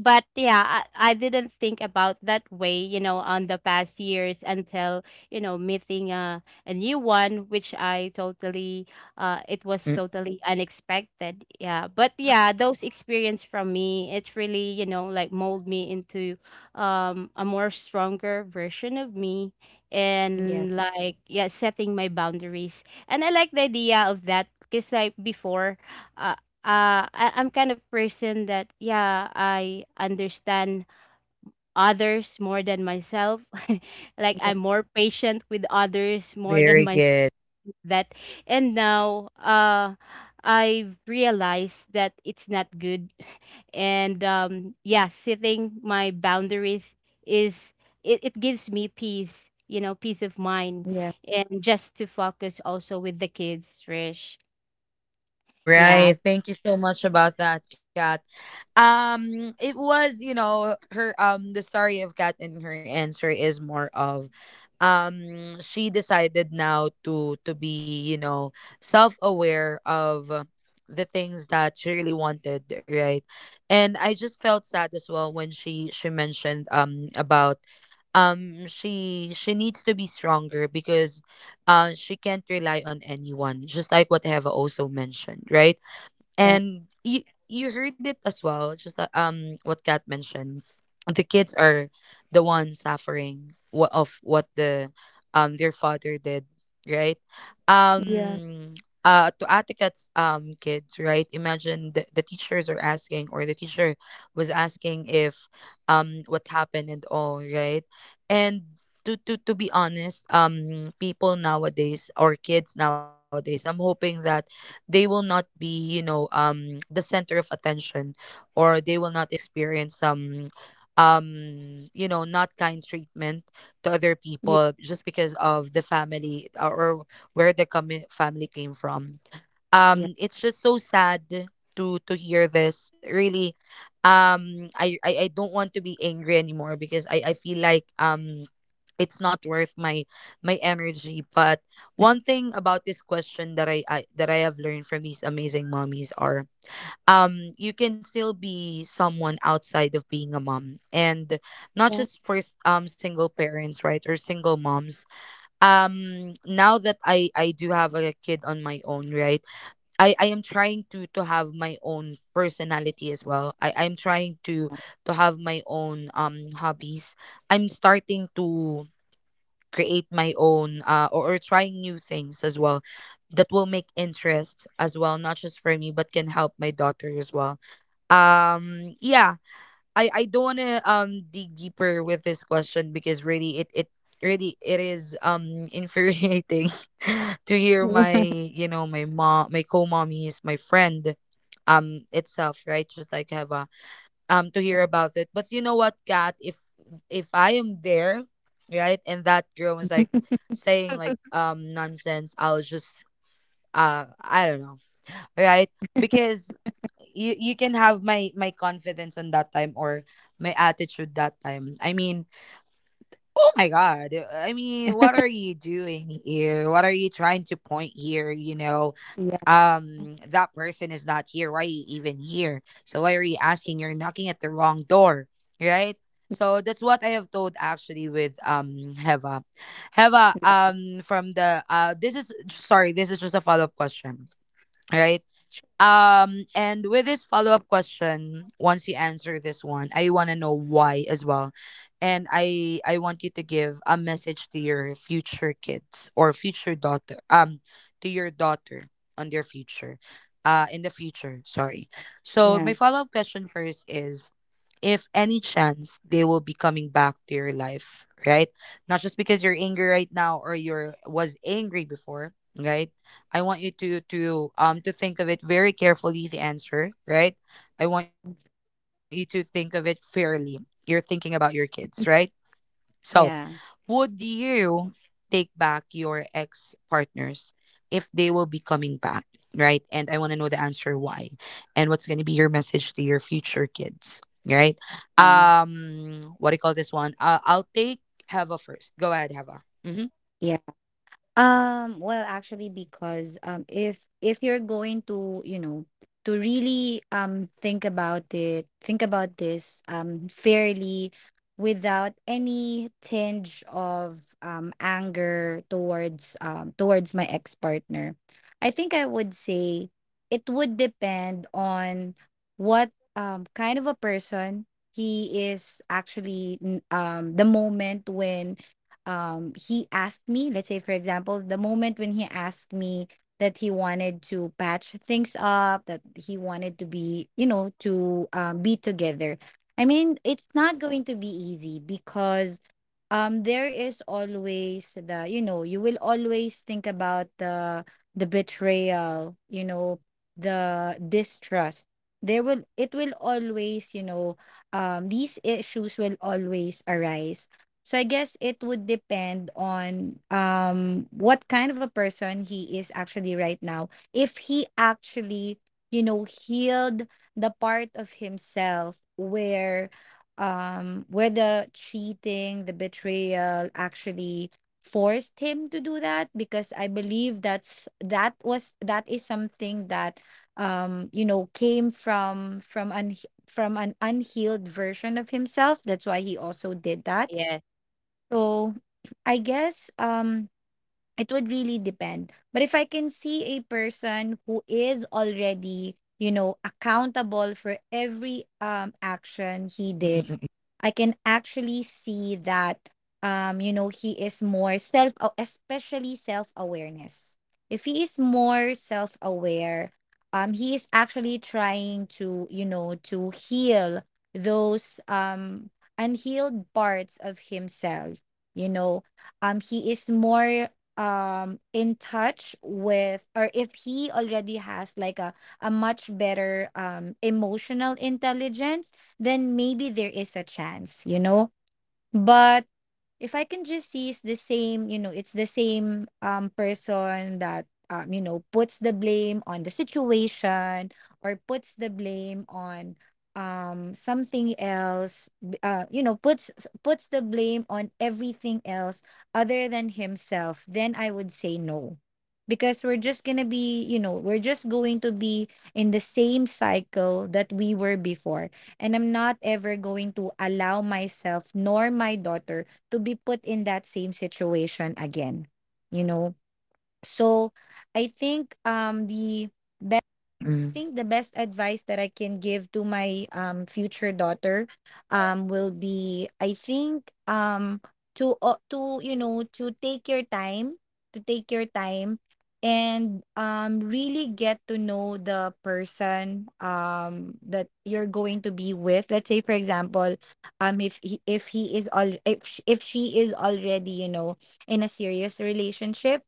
Speaker 2: But yeah, I, I didn't think about that way, you know, on the past years, until, you know, meeting a, a new one, which I totally, uh it was
Speaker 1: mm-mm.
Speaker 2: totally unexpected. Yeah, but yeah, those experience from me, it really, you know, like mold me into, um, a more stronger version of me.
Speaker 3: yeah,
Speaker 2: And like, yeah, setting my boundaries, and I like the idea of that, because like before, uh, uh I, i'm kind of person that, yeah, I understand others more than myself. Like
Speaker 3: yeah,
Speaker 2: I'm more patient with others more than
Speaker 1: Very
Speaker 2: my,
Speaker 1: good.
Speaker 2: that. And now, uh I've realized that it's not good. And, um, yeah, setting my boundaries is, it, it gives me peace, you know, peace of mind,
Speaker 3: yeah.
Speaker 2: and just to focus also with the kids, Trish.
Speaker 3: Right.
Speaker 2: Yeah,
Speaker 1: Right. Thank you so much about that, Kat. Um, it was, you know, her um the story of Kat and her answer is more of um she decided now to, to be, you know, self-aware of uh, the things that she really wanted, right? And I just felt sad as well when she she mentioned um about um she she needs to be stronger because uh she can't rely on anyone, just like what Heva also mentioned, right?
Speaker 3: Yeah,
Speaker 1: And you you heard it as well. Just that, um what Kat mentioned, the kids are the ones suffering what of what the um their father did, right?
Speaker 3: yeah,
Speaker 1: um uh to Atikat's um kids, right? Imagine, the, the teachers are asking, or the teacher was asking if, um what happened and all, right? And to, to, to be honest, um people nowadays or kids nowadays, I'm hoping that they will not be, you know um the center of attention, or they will not experience some, um you know not kind treatment to other
Speaker 3: yeah,
Speaker 1: people just because of the family or or where the com- family came from.
Speaker 3: yeah,
Speaker 1: Um it's just so sad to to hear this, really. Um I, I i don't want to be angry anymore because i i feel like, um it's not worth my my energy. But one thing about this question that I, I that i have learned from these amazing mommies are, um you can still be someone outside of being a mom, and not
Speaker 3: yeah,
Speaker 1: just for s- um single parents, right? Or single moms. Um now that i i do have a kid on my own, right? I i am trying to to have my own personality as well. I i'm trying to to have my own um hobbies. I'm starting to create my own uh, or, or try new things as well, that will make interest as well, not just for me, but can help my daughter as well. Um yeah, i i don't want to um dig deeper with this question, because really it it really it is, um infuriating to hear my,
Speaker 3: yeah,
Speaker 1: you know my mom, my co-mommies, my friend um itself, right? Just like have um to hear about it. But you know what, Kat, if if I am there, right, and that girl was like saying like um nonsense, I'll just, uh I don't know, right? Because you you can have my my confidence on that time, or my attitude that time. I mean, oh my god. I mean, what are you doing here? What are you trying to point here, you know?
Speaker 3: yeah,
Speaker 1: Um that person is not here. Why are you even here? So why are you asking? You're knocking at the wrong door, right? So that's what I have told actually with um heva heva
Speaker 3: yeah.
Speaker 1: um from the uh this is, sorry, this is just a follow-up question, right?
Speaker 3: Sure.
Speaker 1: Um, and with this follow up question, once you answer this one, I want to know why as well, and I I want you to give a message to your future kids or future daughter, um, to your daughter on their future, uh, in the future. Sorry. So
Speaker 3: Yeah,
Speaker 1: my follow up question first is, if any chance they will be coming back to your life, right? Not just because you're angry right now or you're was angry before, right? I want you to to um to think of it very carefully, the answer, right? I want you to think of it fairly. You're thinking about your kids, right? So, would
Speaker 3: yeah,
Speaker 1: you take back your ex partners if they will be coming back? Right. And I want to know the answer why. And what's going to be your message to your future kids? Right. Um, what do you call this one? Uh, I'll take Hava first. Go ahead, Hava. Mm-hmm.
Speaker 3: yeah. Um, well, actually, because um, if if you're going to, you know, to really um think about it, think about this um fairly, without any tinge of um anger towards um towards my ex-partner, I think I would say it would depend on what um kind of a person he is actually n- um the moment when um he asked me, let's say for example the moment when he asked me that he wanted to patch things up, that he wanted to be, you know, to um, be together. I mean, it's not going to be easy because um there is always the you know you will always think about the the betrayal, you know, the distrust. There will it will always, you know, um these issues will always arise. So I guess it would depend on um what kind of a person he is actually right now, if he actually, you know, healed the part of himself where um whether cheating, the betrayal actually forced him to do that, because I believe that's that was that is something that um you know came from from un from an unhealed version of himself. That's why he also did that.
Speaker 2: yes,
Speaker 3: So I guess um it would really depend. But if I can see a person who is already, you know, accountable for every um action he did,
Speaker 1: Mm-mm-mm.
Speaker 3: I can actually see that, um you know, he is more self aw- especially self awareness. If he is more self aware, um he is actually trying to, you know, to heal those um unhealed parts of himself. You know, um he is more um in touch with, or if he already has like a a much better um emotional intelligence, then maybe there is a chance, you know? But if I can just see it's the same, you know, it's the same um person that, um, you know, puts the blame on the situation, or puts the blame on um something else, b- uh you know, puts s- puts the blame on everything else other than himself, then I would say no, because we're just going to be, you know, we're just going to be in the same cycle that we were before. And I'm not ever going to allow myself nor my daughter to be put in that same situation again, you know? So I think um the I
Speaker 1: Mm-mm.
Speaker 3: think the best advice that I can give to my um future daughter um will be, I think, um to uh, to, you know, to take your time, to take your time and um really get to know the person um that you're going to be with. Let's say for example, um if he, if he is all, if sh- if she is already, you know, in a serious relationship.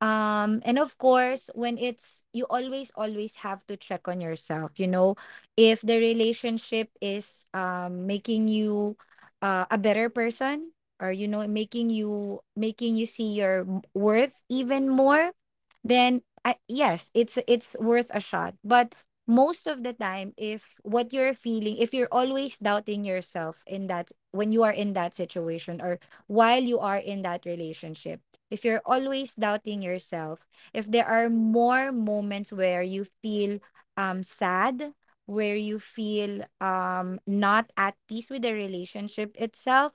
Speaker 3: um, and of course, when it's you always, always have to check on yourself, you know, if the relationship is um making you uh, a better person, or you know, making you, making you see your m- worth even more, then I, yes, it's it's worth a shot. But most of the time, if what you're feeling, if you're always doubting yourself in that when you are in that situation, or while you are in that relationship, if you're always doubting yourself, if there are more moments where you feel um, sad, where you feel um, not at peace with the relationship itself,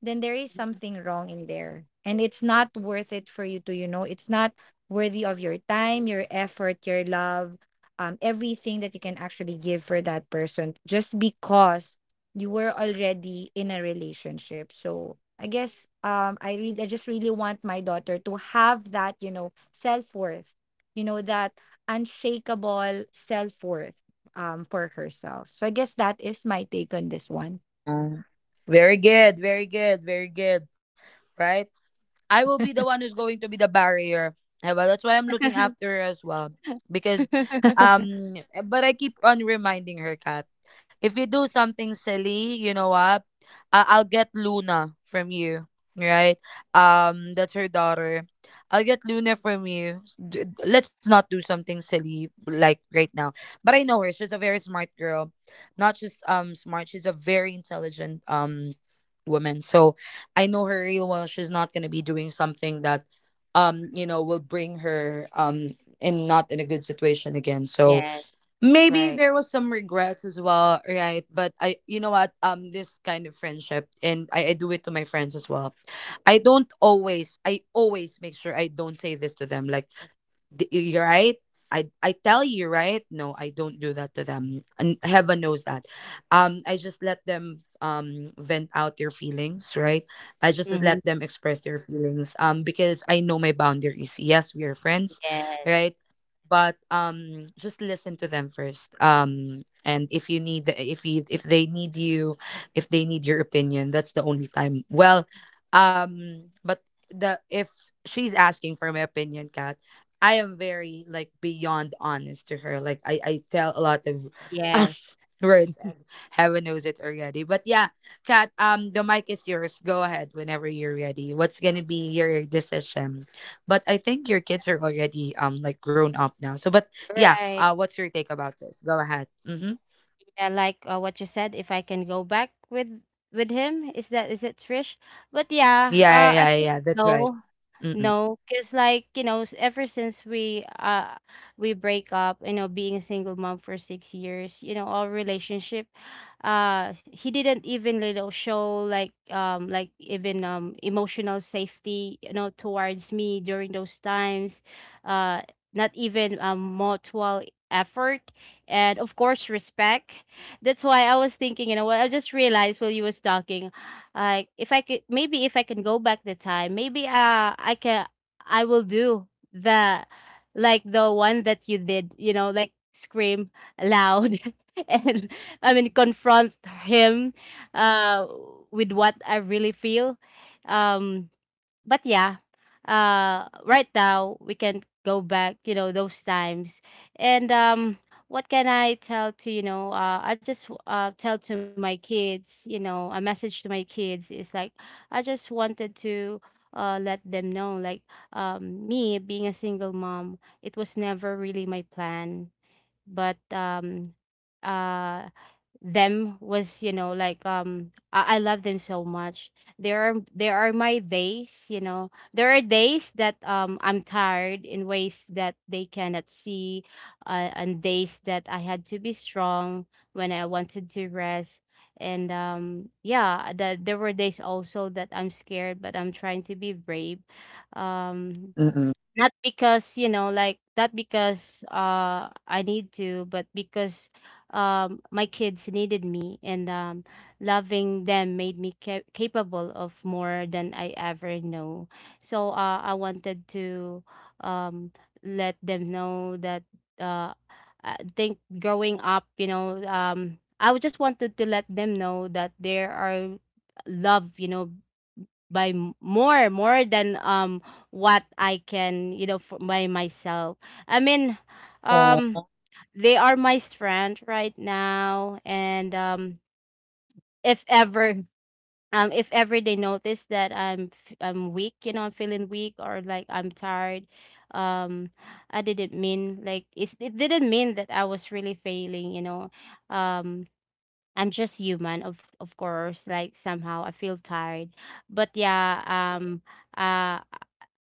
Speaker 3: then there is something wrong in there. And it's not worth it for you to, you know, it's not worthy of your time, your effort, your love, um, everything that you can actually give for that person just because you were already in a relationship. So I guess um I really I just really want my daughter to have that, you know, self-worth, you know, that unshakable self-worth um for herself. So I guess that is my take on this one.
Speaker 1: Oh. Very good. Very good. Very good. Right. I will be the one who's going to be the barrier. Eh, well, that's why I'm looking after her as well. Because um but I keep on reminding her, Kat, if you do something silly, you know what? I- I'll get Luna from you. Right? Um, that's her daughter. I'll get Luna from you. S- d- d- Let's not do something silly like right now. But I know her. She's a very smart girl. Not just um smart, she's a very intelligent um woman. So I know her real well. She's not gonna be doing something that, um, you know, will bring her um in not in a good situation again. So
Speaker 2: yes.
Speaker 1: maybe
Speaker 2: Right.
Speaker 1: there was some regrets as well, right? But I, you know what, um, this kind of friendship, and I, I do it to my friends as well. I don't always, I always make sure I don't say this to them. Like D- y- right, i i tell you, right? No, I don't do that to them, and heaven knows that, um I just let them um vent out their feelings, right? I just
Speaker 2: Mhm.
Speaker 1: let them express their feelings, um because I know my boundaries. Yes, we are friends,
Speaker 2: Yes.
Speaker 1: right? But um just listen to them first, um and if you need if you, if they need you, if they need your opinion, that's the only time. Well, um but the if she's asking for my opinion, Kat, I am very like beyond honest to her. Like I, I tell a lot of um,
Speaker 2: Yes.
Speaker 1: words, and heaven knows it already. But yeah, Kat, um the mic is yours. Go ahead whenever you're ready. What's gonna be your decision? But I think your kids are already um like grown up now. So but yeah,
Speaker 2: Right.
Speaker 1: uh, what's your take about this? Go ahead. Mm-hmm.
Speaker 2: Yeah, like uh, what you said, if I can go back with with him, is that, is it Trish? But yeah,
Speaker 1: Yeah,
Speaker 2: uh, I
Speaker 1: yeah, yeah,
Speaker 2: think
Speaker 1: yeah. That's right.
Speaker 2: no,
Speaker 1: Mm-mm.
Speaker 2: no, because like you know, s- ever since we uh we break up, you know, being a single mom for six years, you know, our relationship, uh, he didn't even, you know, show like, um, like even, um, emotional safety, you know, towards me during those times, uh, not even, um, mutual effort, and of course respect. That's why I was thinking, you know what? I just realized while you was talking, like if I could, maybe if I can go back the
Speaker 1: Mm-mm.
Speaker 2: time, maybe, uh, I can, I will do the, like the one that you did, you know, like scream loud and I mean confront him, uh, with what I really feel, um, but yeah, uh, right now we can go back, you know, those times. And um, what can I tell to, you know, uh, I just uh, tell to
Speaker 1: Mm-mm.
Speaker 2: my
Speaker 1: Mm-mm.
Speaker 2: kids, you know, a message to my kids is like, I just wanted to, uh, let them know, like, um, me being a single mom, it was never really my plan. But um, uh, them was, you know, like, um, I, I love them so much. There are there are my days, you know,
Speaker 1: Mm-mm.
Speaker 2: there are days that, um, I'm tired in ways that they cannot see, uh, and days that I had to be strong when I wanted to rest. And um, yeah, that there were days also that I'm scared, but I'm trying to be brave, um,
Speaker 1: Mm-mm.
Speaker 2: not because, you know, like not because uh I need to, but because, um, my kids needed me. And um, loving them made me ca- capable of more than I ever know. So uh I wanted to, um, let them know that, uh I think growing up, you know, um, I would just wanted to let them know that there are love, you know, by m- more more than, um, what I can, you know, for, by myself. I mean, um,
Speaker 1: Oh.
Speaker 2: they are my strength right now. And um, if ever, um, if ever they notice that I'm f- I'm weak, you know, I'm feeling weak or like I'm tired, um, I didn't mean like it's, it didn't mean that I was really failing, you know, um. I'm just human, of of course. Like somehow I feel tired, but yeah, um, uh,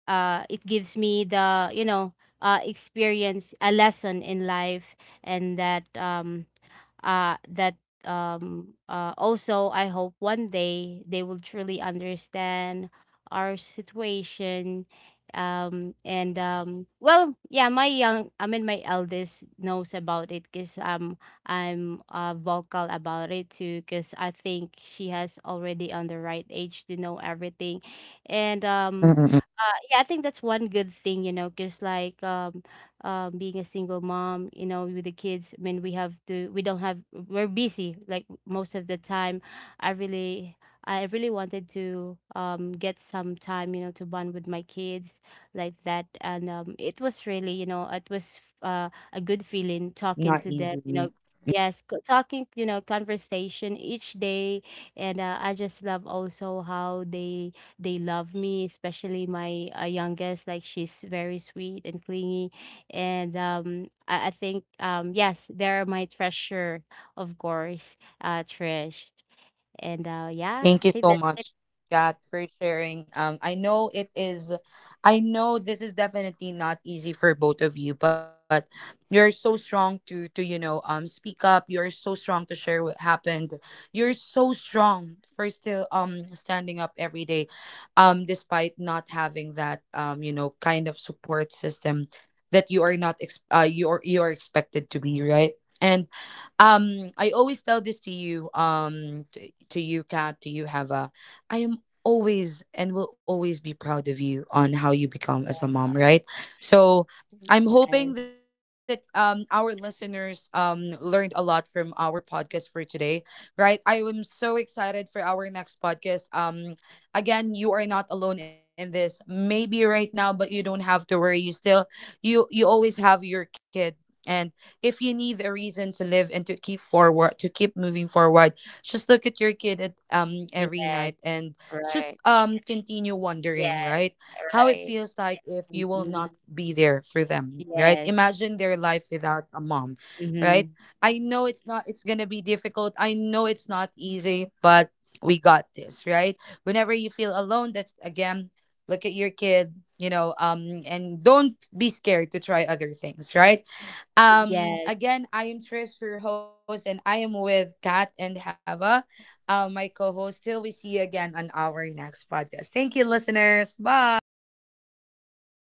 Speaker 2: uh, it gives me the, you know, uh, experience a lesson in life. And that um, uh That um, uh also, I hope one day they will truly understand our situation. Um and um Well yeah, my young, I mean my eldest knows about it because, um, I'm uh vocal about it too, because I think she has already on the right age to know everything. And um
Speaker 1: Mm-mm.
Speaker 2: uh Yeah, I think that's one good thing, you know, because like, um uh, being a single mom, you know, with the kids. I mean, we have to, we don't have, we're busy like most of the time. I really, I really wanted to, um, get some time, you know, to bond with my kids like that. And um, it was really, you know, it was, uh, a good feeling talking
Speaker 1: Not
Speaker 2: to them, you
Speaker 1: easy.
Speaker 2: know. Yes, co- talking, you know, conversation each day. And uh, I just love also how they they love me, especially my, uh, youngest. Like she's very sweet and clingy. And um I, I think, um, yes, they're my treasure, of course, uh Trish. And uh yeah, I
Speaker 1: Thank you
Speaker 2: think
Speaker 1: so
Speaker 2: that's it.
Speaker 1: much, Kat, for sharing. Um, I know it is, I know this is definitely not easy for both of you, but you're so strong to to you know um speak up. You're so strong to share what happened. You're so strong for still um standing up every day, um, despite not having that um you know kind of support system that you are not ex- uh, you are, you are expected to be, right? And um I always tell this to you, um to you, Kat, to you, Hava. I am always and will always be proud of you on how you become as a mom, right?
Speaker 2: Mhm.
Speaker 1: So
Speaker 2: Yes.
Speaker 1: I'm hoping that, um, our listeners um, learned a lot from our podcast for today, right? I am so excited for our next podcast. Um, again, you are not alone in this. Maybe right now, but you don't have to worry. You still, you you always have your kid, and if you need a reason to live and to keep forward, to keep moving forward, just look at your kid at um every
Speaker 2: Yes.
Speaker 1: night, and
Speaker 2: Right.
Speaker 1: just um continue wondering,
Speaker 2: Yeah.
Speaker 1: right? How it
Speaker 2: Right.
Speaker 1: feels like if you will
Speaker 2: Mhm.
Speaker 1: not be there for them, right?
Speaker 2: Yes.
Speaker 1: Imagine their life without a mom, right?
Speaker 2: Hmm.
Speaker 1: I know it's not, it's gonna be difficult. I know it's not easy, but we got this, right? Whenever you feel alone, that's, again, look at your kid, you know, um and don't be scared to try other things, right? Um,
Speaker 2: Yes.
Speaker 1: again, I am Trish, your host, and I am with Kat and Heva, uh, my co host. Till we see you again on our next podcast. Thank you, listeners. Bye.
Speaker 2: Bye.